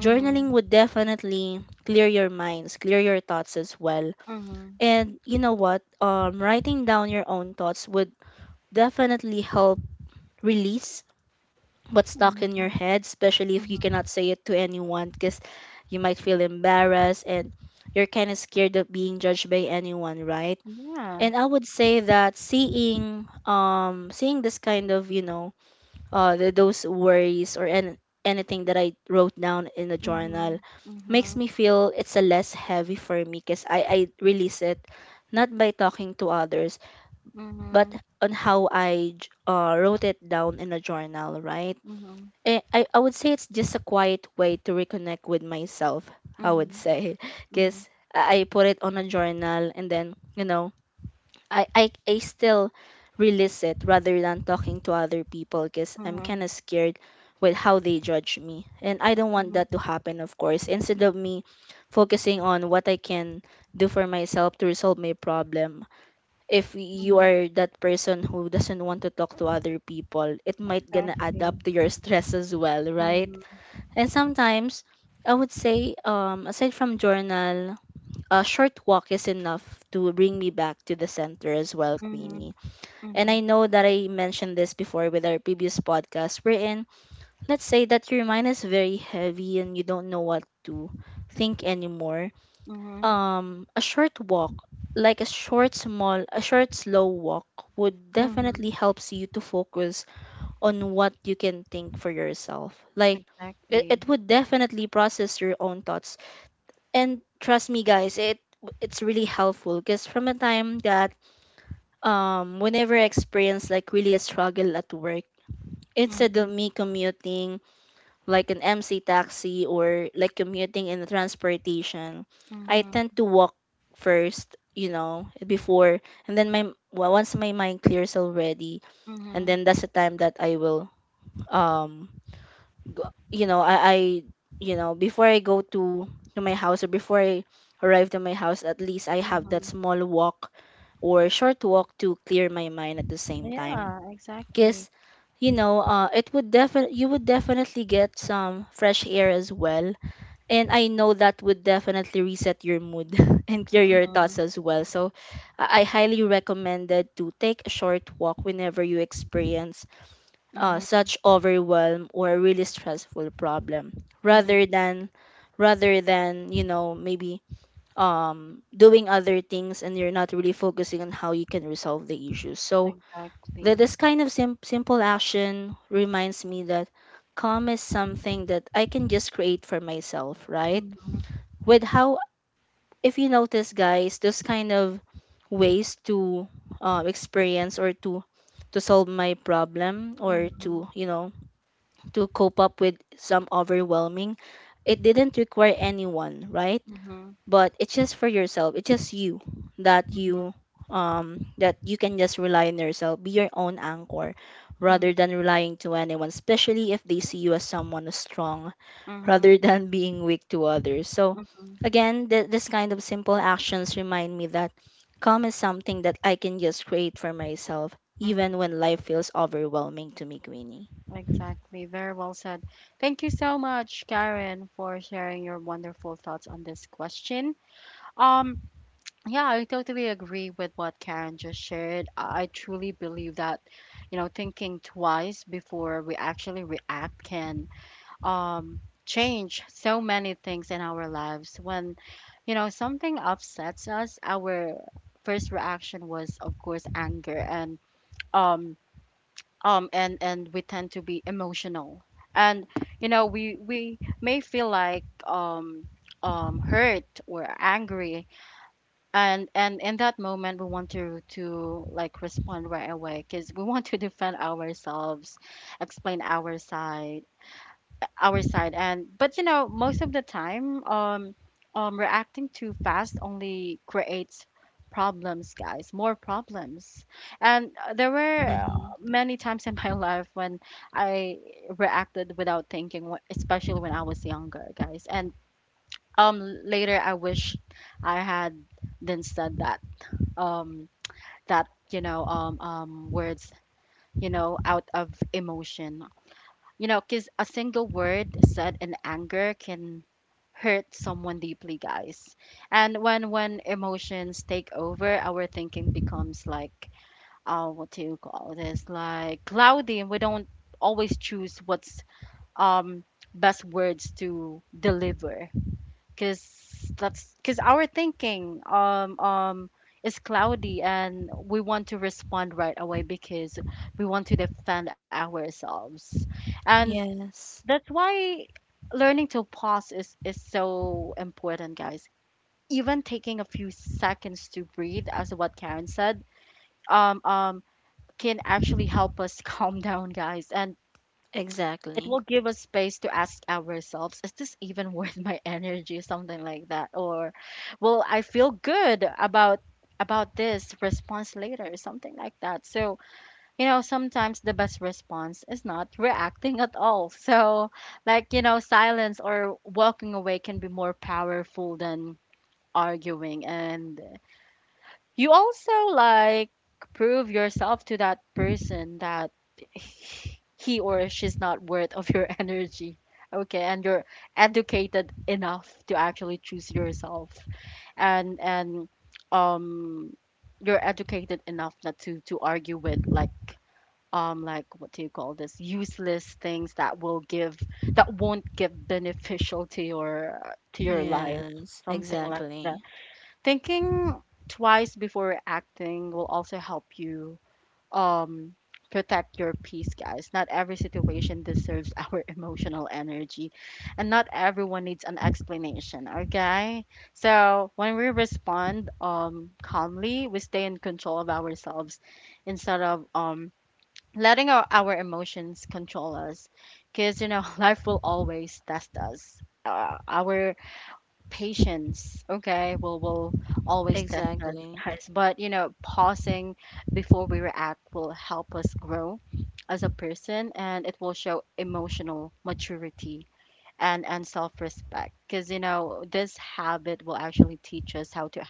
Speaker 2: journaling would definitely clear your minds, clear your thoughts as well.
Speaker 1: Mhm.
Speaker 2: And you know what? Writing down your own thoughts would definitely help release what's stuck in your
Speaker 1: Mhm.
Speaker 2: head, especially if you
Speaker 1: Mhm.
Speaker 2: cannot say it to anyone, because you might feel embarrassed and you're kind of scared of being judged by anyone, right?
Speaker 1: Yeah.
Speaker 2: And I would say that seeing seeing this kind of, those worries or an anything that I wrote down in the journal
Speaker 1: Mhm.
Speaker 2: makes
Speaker 1: Mhm.
Speaker 2: me feel it's a less heavy for me because I release it not by talking to others but
Speaker 1: Mhm.
Speaker 2: on how I wrote it down in a journal, right?
Speaker 1: Mhm.
Speaker 2: I would say it's just a quiet way to reconnect with myself, I would
Speaker 1: Mhm.
Speaker 2: say
Speaker 1: Mhm.
Speaker 2: because I put it on a journal and then, you know, I still release it rather than talking to other people because I'm
Speaker 1: Mhm.
Speaker 2: kind of scared with how they judge me. And I don't want that to
Speaker 1: Mhm.
Speaker 2: happen, of course. Instead of me focusing on what I can do for myself to resolve my problem, if you
Speaker 1: Mhm.
Speaker 2: are that person who doesn't want to talk to other people, it might gonna add
Speaker 1: Exactly.
Speaker 2: up to your stress as well, right?
Speaker 1: Mhm.
Speaker 2: And sometimes I would say, aside from journal, a short walk is enough to bring me back to the center as well,
Speaker 1: Mhm.
Speaker 2: Queenie. And I
Speaker 1: Mhm.
Speaker 2: know that I mentioned this before with our previous podcast. We're in, let's say that your mind is very heavy and you don't know what to think anymore.
Speaker 1: Mhm.
Speaker 2: A short walk, like a short, small, a short, slow walk, would definitely
Speaker 1: Mhm.
Speaker 2: helps you to focus on what you can think for yourself. Like, it,
Speaker 1: Exactly.
Speaker 2: it would definitely process your own thoughts, and trust me guys it's really helpful because from a time that whenever I experience like really a struggle at work, instead of
Speaker 1: Mhm.
Speaker 2: me commuting like an MC taxi or like commuting in transportation, I
Speaker 1: Mhm.
Speaker 2: tend to walk first, you know, before, and then my, well, once my mind clears already, and
Speaker 1: Mhm.
Speaker 2: then that's the time that I will um g- you know I, I before I go to my house or before I arrive to my house, at least I have that
Speaker 1: Mhm.
Speaker 2: small walk or short walk to clear my mind at the same time,
Speaker 1: Yeah, exactly.
Speaker 2: because it would definitely, you would definitely get some fresh air as well. And I know that would definitely reset your mood and clear your thoughts
Speaker 1: Mhm.
Speaker 2: as well, so I highly recommended to take a short walk whenever you experience
Speaker 1: Mhm.
Speaker 2: such overwhelm or really stressful problem,
Speaker 1: Mhm.
Speaker 2: rather than rather than maybe doing other things and you're not really focusing on how you can resolve the issue. So that
Speaker 1: Exactly.
Speaker 2: this kind of simple action reminds me that calm is something that I can just create for myself, right?
Speaker 1: Mhm.
Speaker 2: With how, if you notice guys, those kind of ways to experience or to solve my problem or
Speaker 1: Mhm.
Speaker 2: to, to cope up with some overwhelming. It didn't require anyone, right?
Speaker 1: Mhm.
Speaker 2: But it's just for yourself. It's just you that
Speaker 1: Mhm.
Speaker 2: you that you can just rely on yourself. Be your own anchor
Speaker 1: Mhm.
Speaker 2: rather than relying to anyone, especially if they see you as someone who's strong
Speaker 1: Mhm.
Speaker 2: rather than being weak to others. So
Speaker 1: Mhm.
Speaker 2: again, this kind of simple actions remind me that calm is something that I can just create for myself
Speaker 1: Mhm.
Speaker 2: even when life feels overwhelming to me, Queenie.
Speaker 1: Exactly. Very well said. Thank you so much, Karen, for sharing your wonderful thoughts on this question. Um, Yeah, I totally agree with what Karen just shared. I truly believe that, you know, thinking twice before we actually react can change so many things in our lives. When, you know, something upsets us, our first reaction was, of course, anger, um, and we tend to be emotional, and you know, we may feel like hurt or angry, and in that moment, we want to like respond right away because we want to defend ourselves, explain our side. And but you know, most of the time, reacting too fast only creates problems, guys, more problems. And there were
Speaker 2: Hmm.
Speaker 1: many times in my life when I reacted without thinking, especially when I was younger, guys. And later I wish I had then said that um you know, words, you know, out of emotion, you know, because a single word said in anger can hurt someone deeply, guys. And when emotions take over, our thinking becomes like, uh, what do you call this, like cloudy, and we don't always choose what's um best words to deliver because that's because our thinking is cloudy, and we want to respond right away because we want to defend ourselves. And
Speaker 2: Yes,
Speaker 1: that's why learning to pause is so important, guys. Even taking a few seconds to breathe, as what Karen said, um um can actually help us calm down, guys. And it will
Speaker 2: exactly.
Speaker 1: give us space to ask ourselves, is this even worth my energy? Something like that. Or will I feel good about this response later? Something like that. So, you know, sometimes the best response is not reacting at all. So like, you know, silence or walking away can be more powerful than arguing. And you also like prove yourself to that person that he or she's not worth of your energy, okay, and you're educated enough to actually choose yourself. And um you're educated enough not to argue with like what do you call this, useless things that will give that won't give beneficial to your life,
Speaker 2: Yes,
Speaker 1: something like that.
Speaker 2: exactly.
Speaker 1: Thinking twice before acting will also help you um, protect your peace, guys. Not every situation deserves our emotional energy, and not everyone needs an explanation, okay? So, when we respond calmly, we stay in control of ourselves instead of letting our emotions control us. Because, you know, life will always test us. Our patience, okay, will always test us,
Speaker 2: Exactly.
Speaker 1: guys. But you know, pausing before we react will help us grow as a person, and it will show emotional maturity and self-respect, because you know, this habit will actually teach us how to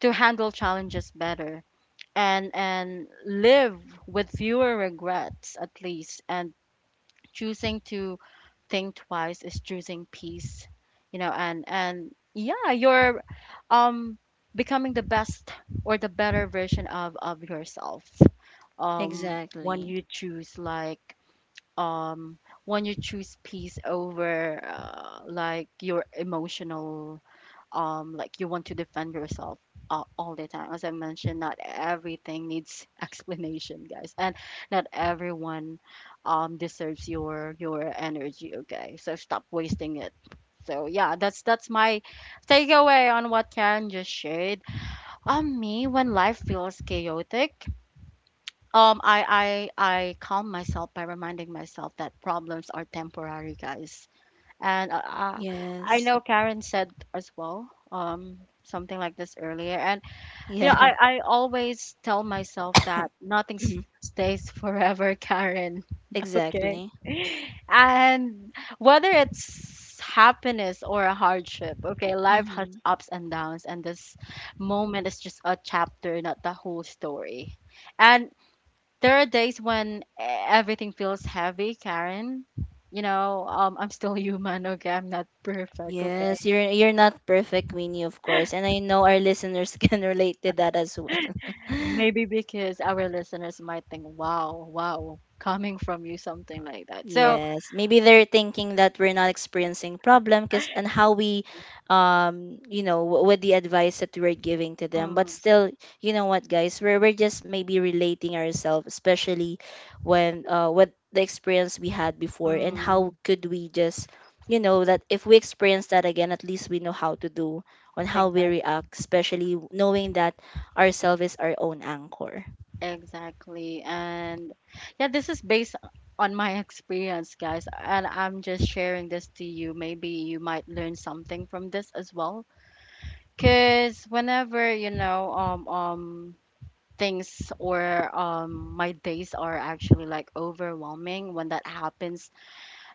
Speaker 1: handle challenges better and live with fewer regrets, at least. And choosing to think twice is choosing peace, you know. And yeah, you're um becoming the best or the better version of yourself when
Speaker 2: Exactly.
Speaker 1: you choose like um when you choose peace over, like your emotional, like you want to defend yourself, all the time. As I mentioned, not everything needs explanation, guys, and not everyone deserves your energy, okay, so stop wasting it. So yeah, that's my takeaway on what Karen just shared. Me, when life feels chaotic, I calm myself by reminding myself that problems are temporary, guys. And I
Speaker 2: Yes.
Speaker 1: know Karen said as well, something like this earlier. And you know,
Speaker 2: Yeah.
Speaker 1: I always tell myself that nothing stays forever, Karen. Okay.
Speaker 2: Exactly.
Speaker 1: And whether it's happiness or a hardship, okay, life has
Speaker 2: Hmm.
Speaker 1: ups and downs, and this moment is just a chapter, not the whole story. And there are days when everything feels heavy, Karen. You know, I'm still human, okay? I'm not perfect,
Speaker 2: Yes,
Speaker 1: okay?
Speaker 2: you're not perfect, Winnie, of course, and I know our listeners can relate to that as well.
Speaker 1: Maybe because our listeners might think, wow, wow, coming from you, something like that. So,
Speaker 2: Yes, maybe they're thinking that we're not experiencing problem because and how we, you know, with the advice that we're giving to them. But
Speaker 1: mm,
Speaker 2: still, you know what, guys, we're just maybe relating ourselves, especially when with the experience we had before, and how
Speaker 1: mm,
Speaker 2: could we just, you know, that if we experience that again, at least we know how to do on how we
Speaker 1: exact,
Speaker 2: react, especially knowing that ourselves is our own anchor.
Speaker 1: exactly. And yeah, this is based on my experience, guys. And I'm just sharing this to you. Maybe you might learn something from this as well. Because whenever, you know, things or my days are actually like overwhelming, when that happens,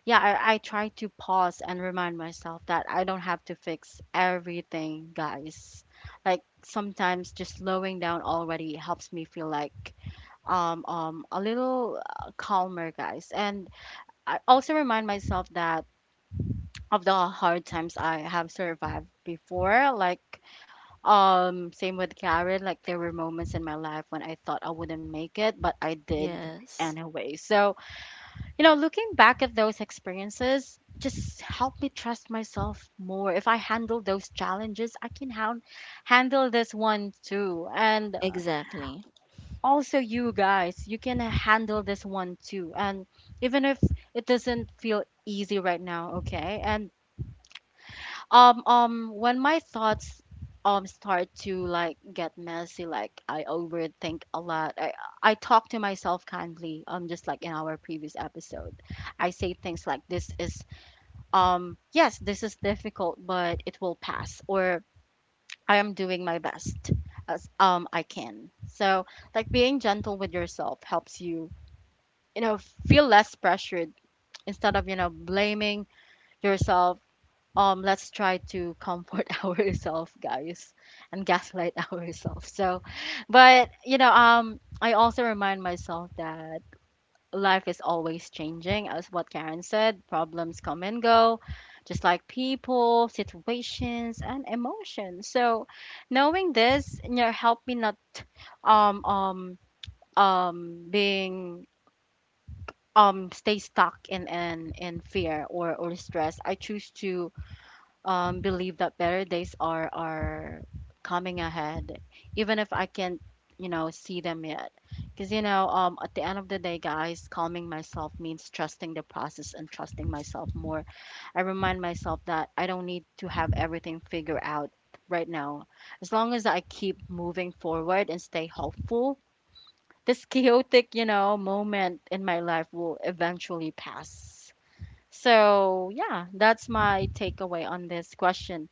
Speaker 1: yeah, I try to pause and remind myself that I don't have to fix everything, guys. Like sometimes just slowing down already helps me feel like a little, calmer, guys. And I also remind myself that of the hard times I have survived before, like same with Karen. Like there were moments in my life when I thought I wouldn't make it, but I did
Speaker 2: Yes,
Speaker 1: anyway. So, you know, looking back at those experiences just helped me trust myself more. If I handle those challenges, I can handle this one too. And
Speaker 2: exactly.
Speaker 1: Also you guys, you can handle this one too. And even if it doesn't feel easy right now, okay? And when my thoughts start to get messy, like I overthink a lot. I talk to myself kindly, just like in our previous episode. I say things like this is yes, this is difficult, but it will pass, or I am doing my best as I can. So like being gentle with yourself helps you, you know, feel less pressured instead of, blaming yourself. Let's try to comfort ourselves guys and gaslight ourselves. So but I also remind myself that life is always changing. As what karen said, problems come and go, just like people, situations and emotions. So knowing this, help me not um um being stay stuck in fear or stress. I choose to believe that better days are coming ahead, even if I can't, you know, see them yet. Because at the end of the day, guys, calming myself means trusting the process and trusting myself more. I remind myself that I don't need to have everything figured out right now. As long as I keep moving forward and stay hopeful, this chaotic, moment in my life will eventually pass. So, yeah, that's my takeaway on this question.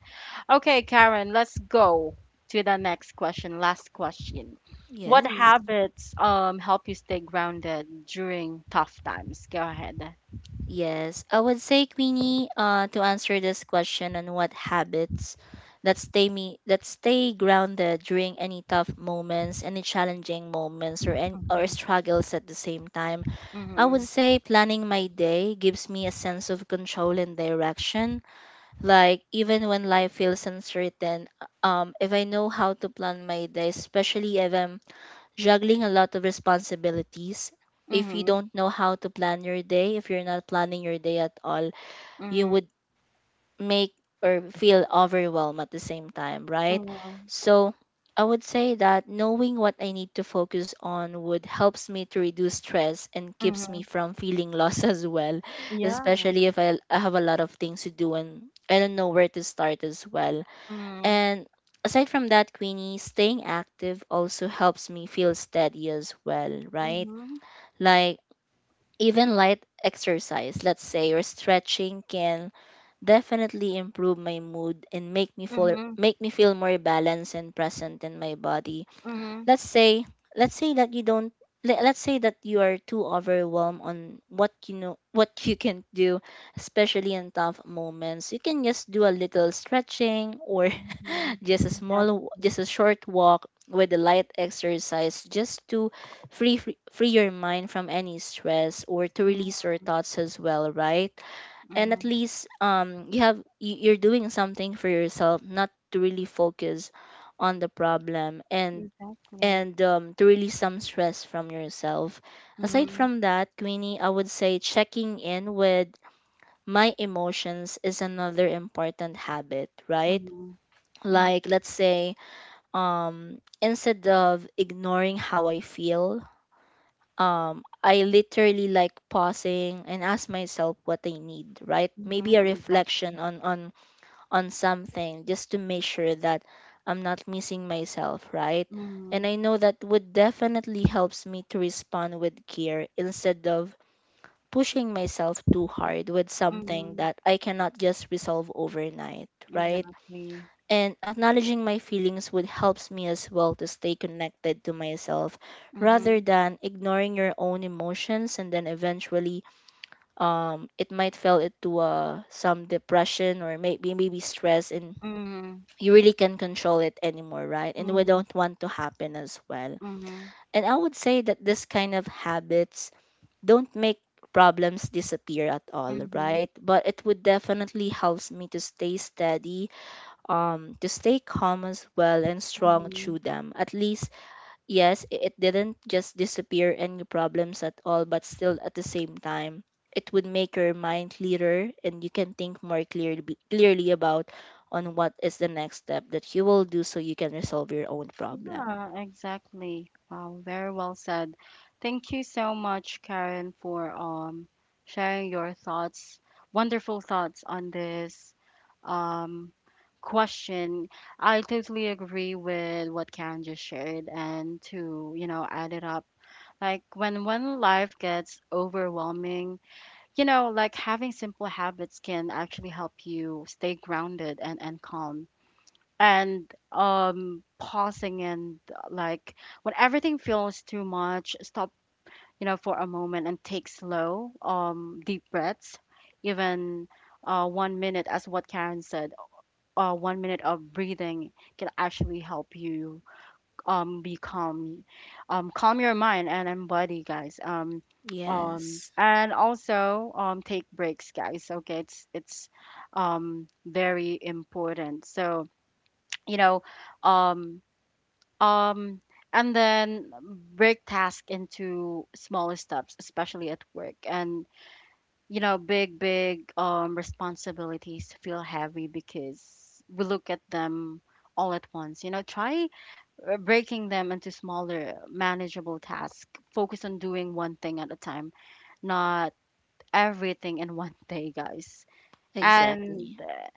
Speaker 1: Okay, Karen, let's go to the next question. Last question. What
Speaker 2: Yes.
Speaker 1: habits help you stay grounded during tough times? Go ahead.
Speaker 2: Yes, I would say Queenie, to answer this question on what habits that stay grounded during any tough moments, any challenging moments, or
Speaker 1: Mm-hmm.
Speaker 2: struggles at the same time. I would
Speaker 1: Mm-hmm.
Speaker 2: say planning my day gives me a sense of control and direction. Like even when life feels uncertain, if I know how to plan my day, especially if I'm juggling a lot of responsibilities. If you
Speaker 1: Mm-hmm.
Speaker 2: don't know how to plan your day, if you're not planning your day at all, you
Speaker 1: Mm-hmm.
Speaker 2: would make or feel overwhelmed at the same time, right?
Speaker 1: Mm-hmm.
Speaker 2: So I would say that knowing what I need to focus on would helps me to reduce stress and keeps
Speaker 1: Mm-hmm.
Speaker 2: me from feeling lost as well,
Speaker 1: Yeah.
Speaker 2: especially if I have a lot of things to do and I don't know where to start as well.
Speaker 1: Mm-hmm.
Speaker 2: And aside from that, Queenie, staying active also helps me feel steady as well, right?
Speaker 1: Mm-hmm.
Speaker 2: Like even light exercise, let's say, or stretching can definitely improve my mood and
Speaker 1: Mm-hmm.
Speaker 2: make me feel more balanced and present in my body.
Speaker 1: Mm-hmm.
Speaker 2: let's say let's say that you don't let, let's say that you are too overwhelmed on what you can do, especially in tough moments. You can just do a little stretching or
Speaker 1: Mm-hmm.
Speaker 2: just a
Speaker 1: Exactly.
Speaker 2: just a short walk with a light exercise just to free your mind from any stress or to release your
Speaker 1: Mm-hmm.
Speaker 2: thoughts as well, right? And
Speaker 1: Mm-hmm.
Speaker 2: at least you have you're doing something for yourself, not to really focus on the problem, and
Speaker 1: Exactly.
Speaker 2: to release some stress from yourself. Aside
Speaker 1: Mm-hmm.
Speaker 2: from that, Queenie, I would say checking in with my emotions is another important habit, right?
Speaker 1: Mm-hmm. Mm-hmm.
Speaker 2: Like, let's say, instead of ignoring how I feel, I literally like pausing and ask myself what I need, right?
Speaker 1: Mm-hmm.
Speaker 2: Maybe a
Speaker 1: Exactly.
Speaker 2: reflection on something just to make sure that I'm not missing myself, right? And
Speaker 1: Mm-hmm.
Speaker 2: I know that would definitely helps me to respond with care instead of pushing myself too hard with something
Speaker 1: Mm-hmm.
Speaker 2: that I cannot just resolve overnight, right?
Speaker 1: Exactly.
Speaker 2: And acknowledging my feelings would helps me as well to stay connected to myself rather
Speaker 1: Mm-hmm.
Speaker 2: than ignoring your own emotions, and then eventually it might fell into some depression or maybe stress, and
Speaker 1: Mhm,
Speaker 2: you really can't control it anymore, right? And we
Speaker 1: mhm,
Speaker 2: don't want to happen as well.
Speaker 1: mhm,
Speaker 2: And I would say that this kind of habits don't make problems disappear at all,
Speaker 1: mhm,
Speaker 2: right? But it would definitely helps me to stay steady, to stay calm as well and strong
Speaker 1: mhm.
Speaker 2: through them. At least, yes, it didn't just disappear any problems at all, but still at the same time, it would make your mind clearer and you can think more clearly about on what is the next step that you will do so you can resolve your own problem.
Speaker 1: Yeah, exactly. Wow, very well said. Thank you so much, Karen, for sharing your thoughts, wonderful thoughts on this um question. I totally agree with what Karen just shared, and to, you know, add it up. Like when life gets overwhelming, you know, like having simple habits can actually help you stay grounded and calm. And pausing and like when everything feels too much, stop, you know, for a moment and take slow, deep breaths, even 1 minute, as what Karen said, 1 minute of breathing can actually help you be calm, calm your mind and body, guys.
Speaker 2: Yes,
Speaker 1: And also take breaks, guys. Okay, it's very important. So you know um um and then break task into smaller steps, especially at work. And you know, big responsibilities feel heavy because we look at them all at once. You know, try breaking them into smaller, manageable tasks. Focus on doing one thing at a time, not everything in one day, guys. And
Speaker 2: exactly.
Speaker 1: uh,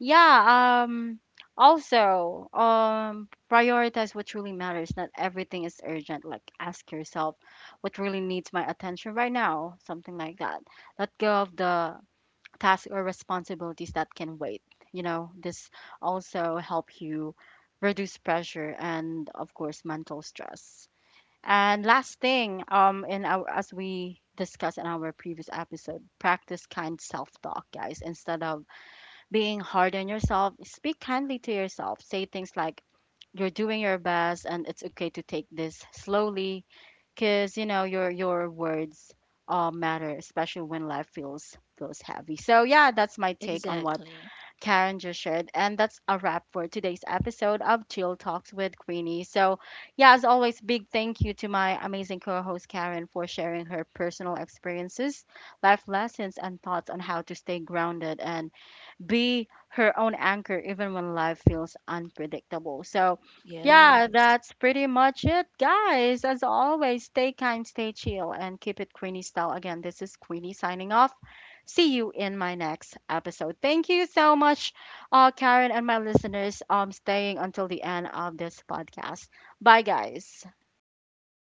Speaker 1: yeah, um, Also, prioritize what truly matters. Not everything is urgent. Like, ask yourself, what really needs my attention right now? Something like that. Let go of the tasks or responsibilities that can wait. You know, this also help you reduce pressure and of course mental stress. And last thing, in our as we discussed in our previous episode, practice kind self-talk, guys. Instead of being hard on yourself, speak kindly to yourself. Say things like, "You're doing your best, and it's okay to take this slowly," because you know your words matter, especially when life feels heavy. So yeah, that's my take on what
Speaker 2: Exactly.
Speaker 1: Karen just shared, and that's a wrap for today's episode of Chill Talks with Queenie. So yeah, as always, big thank you to my amazing co-host Karen for sharing her personal experiences, life lessons, and thoughts on how to stay grounded and be her own anchor even when life feels unpredictable. So, yeah,
Speaker 2: Yes.
Speaker 1: that's pretty much it, guys. As always, stay kind, stay chill, and keep it Queenie style. Again, this is Queenie signing off. See you in my next episode. Thank you so much, Karen and my listeners, staying until the end of this podcast. Bye, guys.
Speaker 2: Bye.